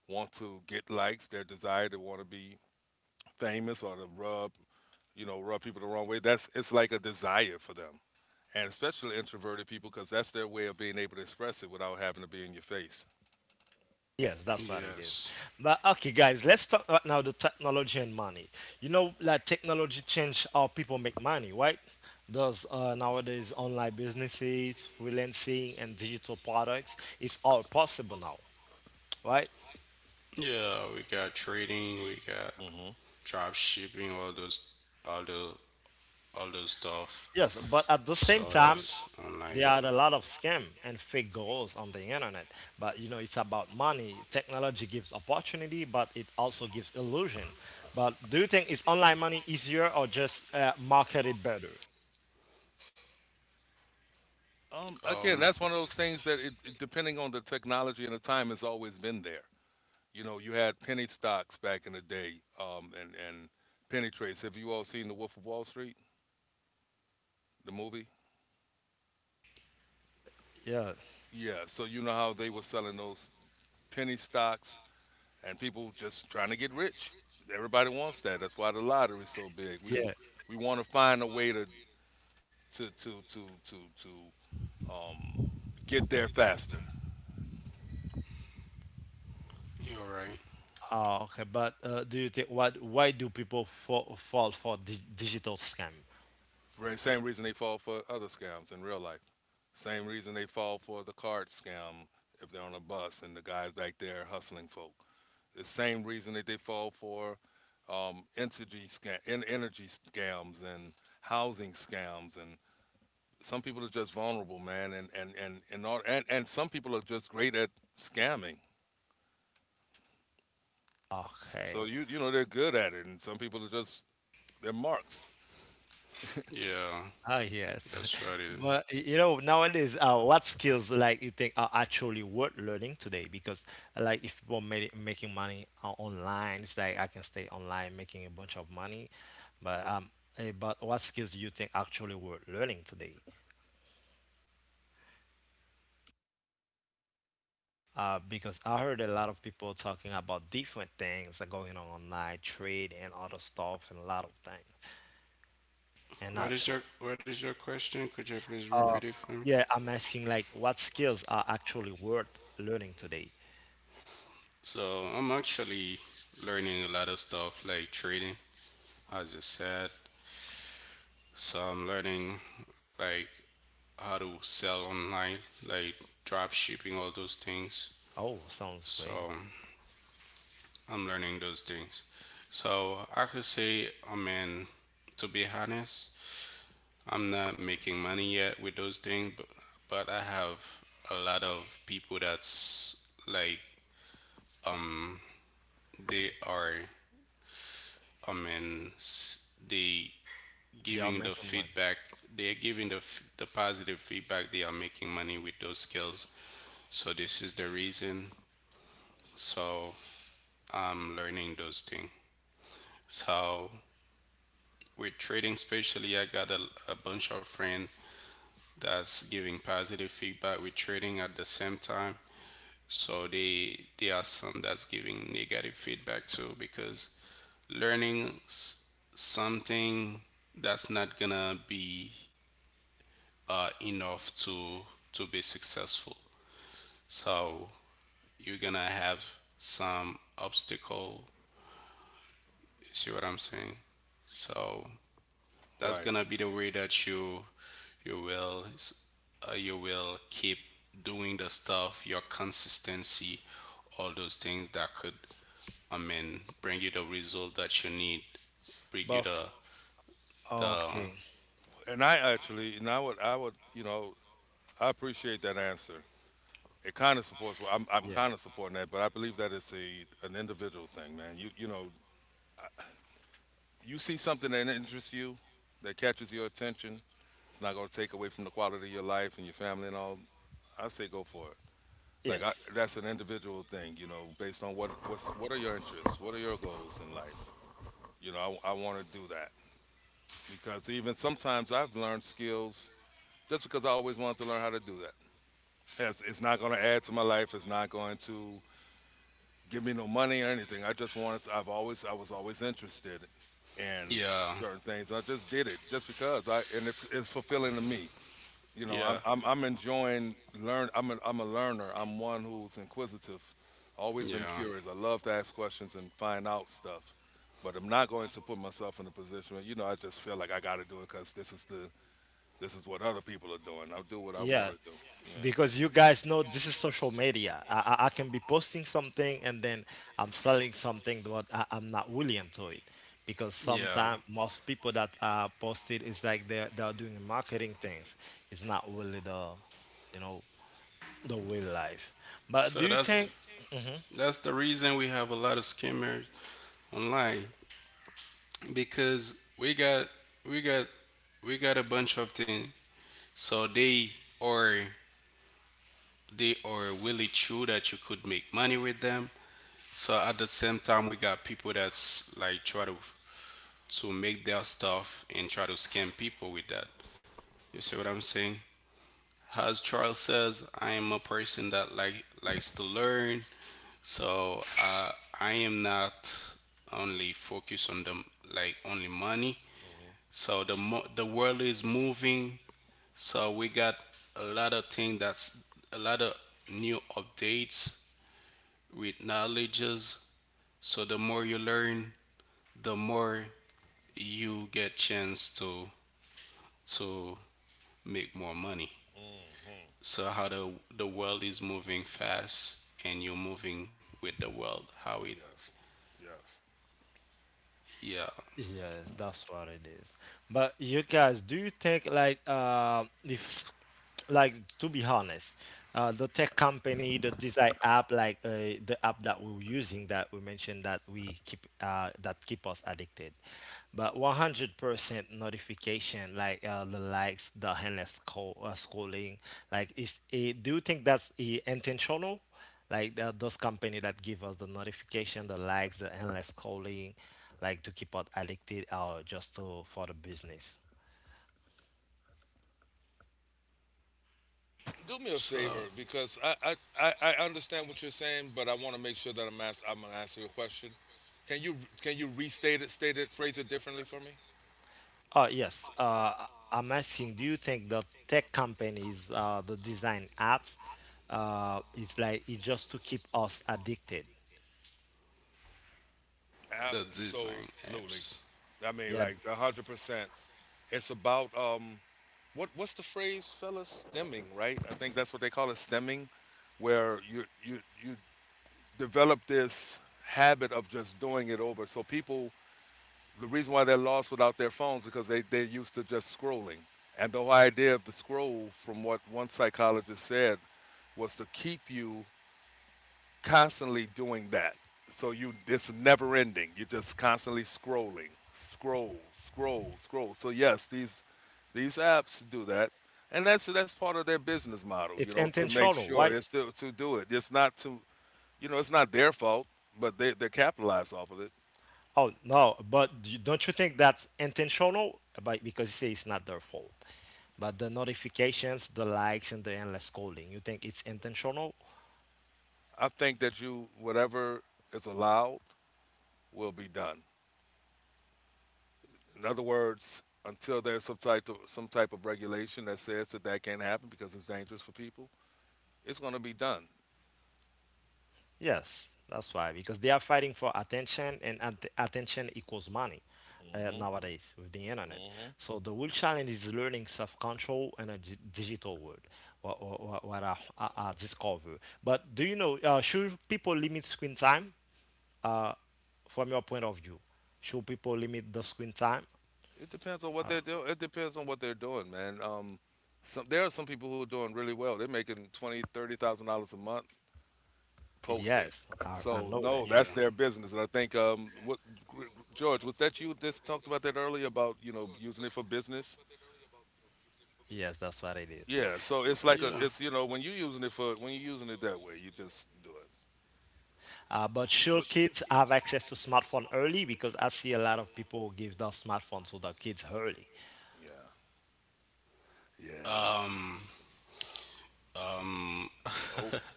Speaker 2: want to get likes, their desire to want to be famous or to rub rub people the wrong way. That's it's like a desire for them. And especially introverted people because that's their way of being able to express it without having to be in your face.
Speaker 1: Yes, that's what it is.
Speaker 3: Yes.
Speaker 1: But okay, guys, let's talk about now the technology and money. You know, like technology changed how people make money, right? There's nowadays online businesses, freelancing, and digital products. It's all possible now, right?
Speaker 3: Yeah, we got trading, we got
Speaker 2: Hmm.
Speaker 3: drop shipping, all those, all the, all those stuff.
Speaker 1: Yes, but at the same
Speaker 3: So
Speaker 1: time,
Speaker 3: that's online.
Speaker 1: there are a lot of scam and fake goals on the internet. But you know, it's about money. Technology gives opportunity, but it also gives illusion. But do you think is online money easier or just marketed better?
Speaker 2: Again,
Speaker 3: Um
Speaker 2: that's one of those things that, depending on the technology and the time, has always been there. You know, you had penny stocks back in the day, and penny trades. Have you all seen The Wolf of Wall Street, the movie?
Speaker 1: Yeah.
Speaker 2: Yeah. So you know how they were selling those penny stocks, and people just trying to get rich. Everybody wants that. That's why the lottery's so big. We
Speaker 1: Yeah.
Speaker 2: we want to find a way to to to to to um, get there faster.
Speaker 3: you're right.
Speaker 1: Oh, okay. But do you think what? Why do people fall for di digital scam?
Speaker 2: Right. Same reason they fall for other scams in real life. Same reason they fall for the card scam if they're on a bus and the guy's back there hustling folk. The same reason that they fall for energy scams and housing scams. And some people are just vulnerable, man. And some people are just great at scamming. So,
Speaker 1: Okay.
Speaker 2: you know, they're good at it. And some people are they're marks.
Speaker 3: Yeah,
Speaker 1: Oh
Speaker 3: that's what
Speaker 1: yes.
Speaker 3: it is.
Speaker 1: <laughs> But you know nowadays, what skills like you think are actually worth learning today? Because like if making money online, it's like I can stay online making a bunch of money, but but what skills you think actually worth learning today? Because I heard a lot of people talking about different things that going on online, trade and other stuff and a lot of things. And
Speaker 3: What is
Speaker 1: actually,
Speaker 3: your, what is your question? Could you please repeat
Speaker 1: uh,
Speaker 3: it for me?
Speaker 1: yeah, I'm asking like what skills are actually worth learning today?
Speaker 3: So I'm actually learning a lot of stuff like trading, as you said. So I'm learning like how to sell online, like drop shipping, all those things.
Speaker 1: Oh, sounds great.
Speaker 3: So I'm learning those things. So I could say, I mean, to be honest, I'm not making money yet with those things, but I have a lot of people that's like they are, I mean, they
Speaker 1: They are
Speaker 3: giving the
Speaker 1: making money.
Speaker 3: feedback, they are giving the, the positive feedback, they are making money with those skills. So this is the reason. So I'm learning those things. So with trading, especially, I got a bunch of friends that's giving positive feedback with trading at the same time. So they, there are some that's giving negative feedback too because learning something that's not gonna be enough to be successful. So you're gonna have some obstacle. You see what I'm saying? So that's
Speaker 2: Right.
Speaker 3: gonna be the way that you will you will keep doing the stuff, your consistency, all those things that could, I mean, bring you the result that you need, bring you
Speaker 1: But
Speaker 3: the
Speaker 1: f
Speaker 3: the.
Speaker 1: okay.
Speaker 2: And I would, you know, I appreciate that answer. It kind of supports. Well, I'm
Speaker 1: Yeah.
Speaker 2: kind of supporting that, but I believe that it's a an individual thing, man. You know, I- you see something that interests you, that catches your attention. It's not going to take away from the quality of your life and your family and all. I say go for it. Like I,
Speaker 1: Yes.
Speaker 2: that's an individual thing, you know, based on what are your interests, what are your goals in life. You know, I want to do that because even sometimes I've learned skills just because I always wanted to learn how to do that. Has it's not going to add to my life. It's not going to give me no money or anything. I just wanted. I've always. I was always interested in
Speaker 3: Yeah,
Speaker 2: certain things. I just did it just because I and it's fulfilling to me. You know,
Speaker 3: yeah,
Speaker 2: I'm enjoying learn. I'm a learner. I'm one who's inquisitive. Always been
Speaker 3: yeah,
Speaker 2: curious. I love to ask questions and find out stuff. But I'm not going to put myself in a position where you know I just feel like I got to do it because this is what other people are doing. I'll do what I want
Speaker 1: Yeah.
Speaker 2: to do. Yeah.
Speaker 1: Because you guys know this is social media. I can be posting something and then I'm selling something, but I'm not willing to it. Because
Speaker 3: yeah.
Speaker 1: sometimes most people that are posted is like they're doing marketing things. It's not really the, you know, the real life. But do
Speaker 3: So
Speaker 1: you
Speaker 3: that's
Speaker 1: think? Mm-hmm.
Speaker 3: that's the reason we have a lot of scammers online because we got, we got, we got a bunch of things. So they are, they are really true that you could make money with them. So at the same time, we got people that's like try to make their stuff and try to scam people with that. You see what I'm saying? As Charles says, I am a person that like likes to learn, so I am not only focused on the, like, only money.
Speaker 2: Mm.
Speaker 3: So the world is moving, so we got a lot of things that's a lot of new updates with knowledges. So the more you learn, the more you get chance to make more money.
Speaker 2: Mm.
Speaker 3: So how the world is moving fast and you're moving with the world. How it.
Speaker 2: Yes. Yes.
Speaker 3: Yeah.
Speaker 1: Yes, that's what it is. But you guys, do you think like if, like to be honest, the tech company, the design app, like the app that we're using that we mentioned that we keep that keep us addicted, but 100% notification, like the likes, the endless scroll, scrolling, do you think that's intentional? Like the, those company that give us the notification, the likes, the endless calling, like to keep us addicted or just to for the business.
Speaker 2: Do me a
Speaker 3: So
Speaker 2: favor because I understand what you're saying, but I want to make sure that I'm gonna answer your question. Can you can you restate it, state it, phrase it differently for me?
Speaker 1: Oh yes. I'm asking, do you think the tech companies, the design apps, it's like it's just to keep us addicted?
Speaker 3: the design
Speaker 2: Absolutely.
Speaker 3: apps.
Speaker 2: I mean,
Speaker 1: Yeah,
Speaker 2: like 100%. It's about what's the phrase, fellas? Stemming, right? I think that's what they call it, stemming, where you develop this habit of just doing it over. So people the reason why they're lost without their phones is because they're used to just scrolling. And the whole idea of the scroll, from what one psychologist said, was to keep you constantly doing that. So you it's never ending. You're just constantly scrolling, scroll, scroll, scroll. So yes, these apps do that. And that's part of their business model, you
Speaker 1: it's
Speaker 2: know, to make
Speaker 1: intentional,
Speaker 2: sure
Speaker 1: right?
Speaker 2: to do it. It's not to you know, it's not their fault, but they're capitalized off of it.
Speaker 1: Oh no, but don't you think that's intentional? But because you say it's not their fault, but the notifications, the likes, and the endless scrolling, you think it's intentional?
Speaker 2: I think that whatever is allowed, will be done. In other words, until there's some type of regulation that says that that can't happen because it's dangerous for people, it's going to be done.
Speaker 1: Yes, that's why, because they are fighting for attention, and attention equals money,
Speaker 2: Mhm.
Speaker 1: nowadays with the internet.
Speaker 2: Mhm.
Speaker 1: So the real challenge is learning self-control in a digital world, I discover. But do you know, should people limit screen time from your point of view? Should people limit the screen time?
Speaker 2: It depends on what they're doing. It depends on what they're doing, man. Some there are some people who are doing really well. They're making 20, $30,000 a month posting.
Speaker 1: Yes, I
Speaker 2: So
Speaker 1: know
Speaker 2: no,
Speaker 1: that.
Speaker 2: that's
Speaker 3: Yeah.
Speaker 2: their business. And I think what George was that you just talked about that earlier about you know using it for business.
Speaker 1: Yes, that's what it is.
Speaker 2: Yeah, so it's like a
Speaker 3: Yeah.
Speaker 2: it's you know when you're using it for when you're using it that way, you just do it.
Speaker 1: But
Speaker 2: But
Speaker 1: should kids have access to smartphone early? Because I see a lot of people give their smartphones to their kids early.
Speaker 2: yeah, yeah,
Speaker 3: Um um
Speaker 2: nope.
Speaker 3: <laughs>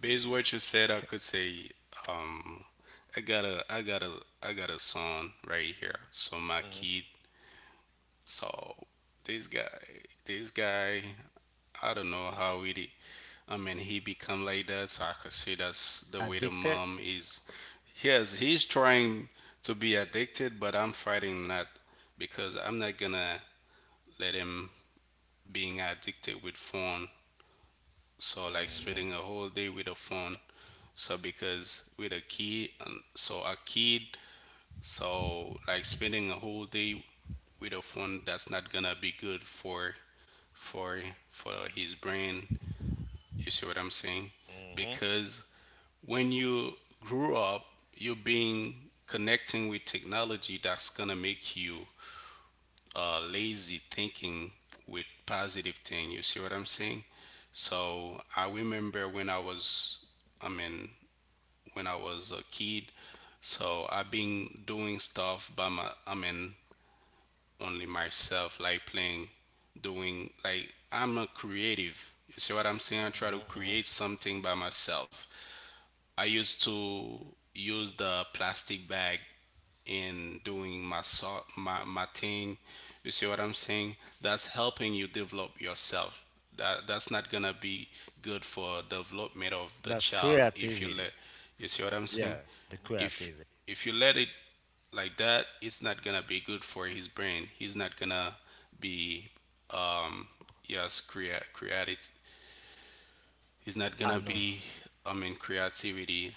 Speaker 3: Based what you said I could say um I got a I got a I got a son right here. So my
Speaker 2: Mm-hmm.
Speaker 3: kid. So this guy, I don't know how it. I mean, he become like that. So I could see that's the way the
Speaker 1: Addicted?
Speaker 3: mom is. Yes, he's trying to be addicted, but I'm fighting that because I'm not gonna let him being addicted with phone. So like
Speaker 2: Mm-hmm.
Speaker 3: spending a whole day with a phone. So because with a kid, and so a kid, so like spending a whole day with a phone, that's not gonna be good for for for his brain. You see what I'm saying?
Speaker 2: Mm-hmm.
Speaker 3: Because when you grew up you're being connecting with technology, that's gonna make you lazy thinking with positive thing. You see what I'm saying? So I remember when I was, I mean, when I was a kid, so I've been doing stuff by my, I mean, only myself, like playing, doing, like, I'm a creative. You see what I'm saying? I try to
Speaker 2: Mm-hmm.
Speaker 3: create something by myself. I used to use the plastic bag in doing my, my, my thing. You see what I'm saying? That's helping you develop yourself. That's not gonna be good for development of the
Speaker 1: That's
Speaker 3: child if you
Speaker 1: creativity.
Speaker 3: let. You see what I'm saying?
Speaker 1: Yeah, the
Speaker 3: if
Speaker 1: creativity.
Speaker 3: if you let it like that, it's not gonna be good for his brain. He's not gonna be um yes, create creative. He's not
Speaker 1: I
Speaker 3: gonna
Speaker 1: know.
Speaker 3: be, I mean, creativity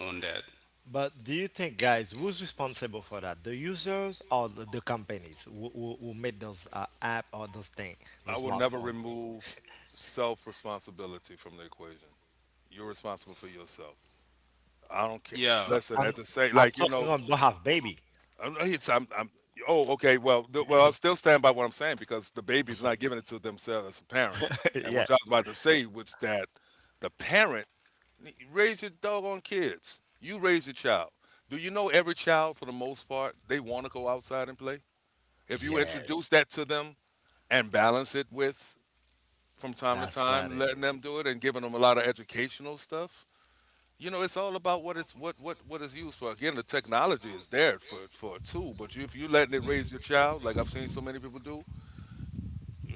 Speaker 3: on that.
Speaker 1: But do you think, guys, who's responsible for that? The users or the companies who, who made those app or those thing,
Speaker 2: I
Speaker 1: those
Speaker 2: will never
Speaker 1: smartphone?
Speaker 2: remove self responsibility from the equation. You're responsible for yourself. I don't care.
Speaker 3: Yeah,
Speaker 1: No,
Speaker 2: Listen, at the same,
Speaker 1: I'm
Speaker 2: like you
Speaker 1: talking
Speaker 2: know,
Speaker 1: on don't have baby.
Speaker 2: I'm, it's- I'm oh, okay. Well, I still stand by what I'm saying because the baby's not giving it to themselves as a parent,
Speaker 1: <laughs>
Speaker 2: and
Speaker 1: Yeah.
Speaker 2: which I was about to say was that the parent. Raise your doggone kids. You raise your child. Do you know every child, for the most part, they want to go outside and play? If you introduce
Speaker 1: Yes,
Speaker 2: that to them and balance it with, from time to
Speaker 1: that's what
Speaker 2: time,
Speaker 1: it
Speaker 2: letting
Speaker 1: is.
Speaker 2: them do it and giving them a lot of educational stuff, you know, it's all about what it's what is used for. Again, the technology is there for a tool, but if you letting it raise your child, like I've seen so many people do,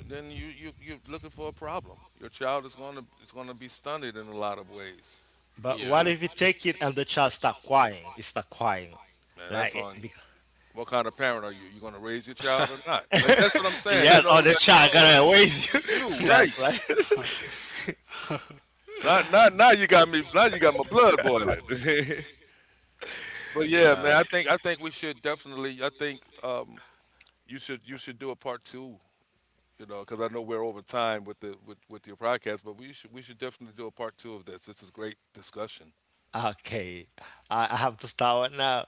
Speaker 2: then you're looking for a problem. Your child is going to it's going to be stunted in a lot of ways,
Speaker 1: But what
Speaker 3: yeah,
Speaker 1: if you take it and the child start crying? It start crying,
Speaker 2: man.
Speaker 1: like
Speaker 2: That's
Speaker 1: it,
Speaker 2: on
Speaker 1: because,
Speaker 2: What kind of parent are you? You gonna raise your child or not? Like that's what I'm
Speaker 1: <laughs>
Speaker 2: saying. You
Speaker 1: yes,
Speaker 2: know,
Speaker 1: or the
Speaker 2: like
Speaker 1: child
Speaker 2: no,
Speaker 1: gonna raise you. <laughs>
Speaker 2: you
Speaker 1: That's
Speaker 2: right.
Speaker 1: why.
Speaker 2: Not now, you got me. Now you got my blood boiling. <laughs> But yeah, man,
Speaker 3: yeah.
Speaker 2: I think we should definitely I think you should do a part 2, you know, cuz I know we're over time with the with your podcast, but we should definitely do a part 2 of this. This is great discussion.
Speaker 1: Okay, I have to start now.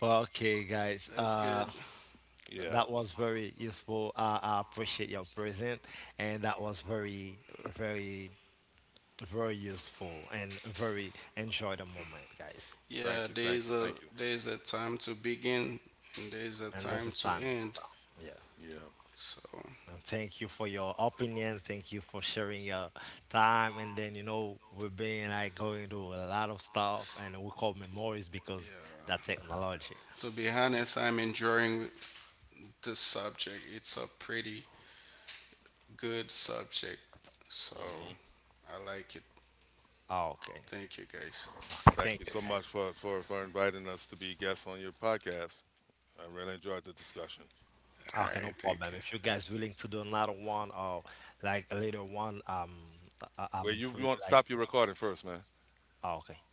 Speaker 1: But okay, guys,
Speaker 3: That's good.
Speaker 2: Yeah.
Speaker 1: that was very useful. I appreciate your present, and that was very, very, very useful and very enjoy the moment, guys.
Speaker 3: Yeah,
Speaker 2: Thank you. Thank
Speaker 3: there's
Speaker 2: you.
Speaker 3: a,
Speaker 2: Thank you.
Speaker 3: there's a time to begin and there's a
Speaker 1: And that's
Speaker 3: time
Speaker 1: the
Speaker 3: to
Speaker 1: time to
Speaker 3: end.
Speaker 1: start. Yeah.
Speaker 2: Yeah.
Speaker 3: So
Speaker 1: And thank you for your opinions. Thank you for sharing your time. And then, you know, we've been like going through a lot of stuff and we call memories
Speaker 3: yeah,
Speaker 1: because that technology.
Speaker 3: coming. To be honest, I'm enjoying this subject. It's a pretty good subject. So
Speaker 2: Hmm.
Speaker 3: I like it.
Speaker 1: Oh, okay.
Speaker 3: Thank you, guys.
Speaker 1: Okay.
Speaker 2: Thank
Speaker 1: Thank
Speaker 2: you
Speaker 1: you,
Speaker 2: so
Speaker 1: guys.
Speaker 2: much for inviting us to be guests on your podcast. I really enjoyed the discussion.
Speaker 3: All
Speaker 1: Ah, okay,
Speaker 3: right.
Speaker 1: no
Speaker 3: Thank you.
Speaker 1: problem. If you guys willing to do another one or like a later one, I-
Speaker 2: Well,
Speaker 1: I'm
Speaker 2: you
Speaker 1: free.
Speaker 2: want to
Speaker 1: Like,
Speaker 2: stop your recording first, man.
Speaker 1: oh, okay.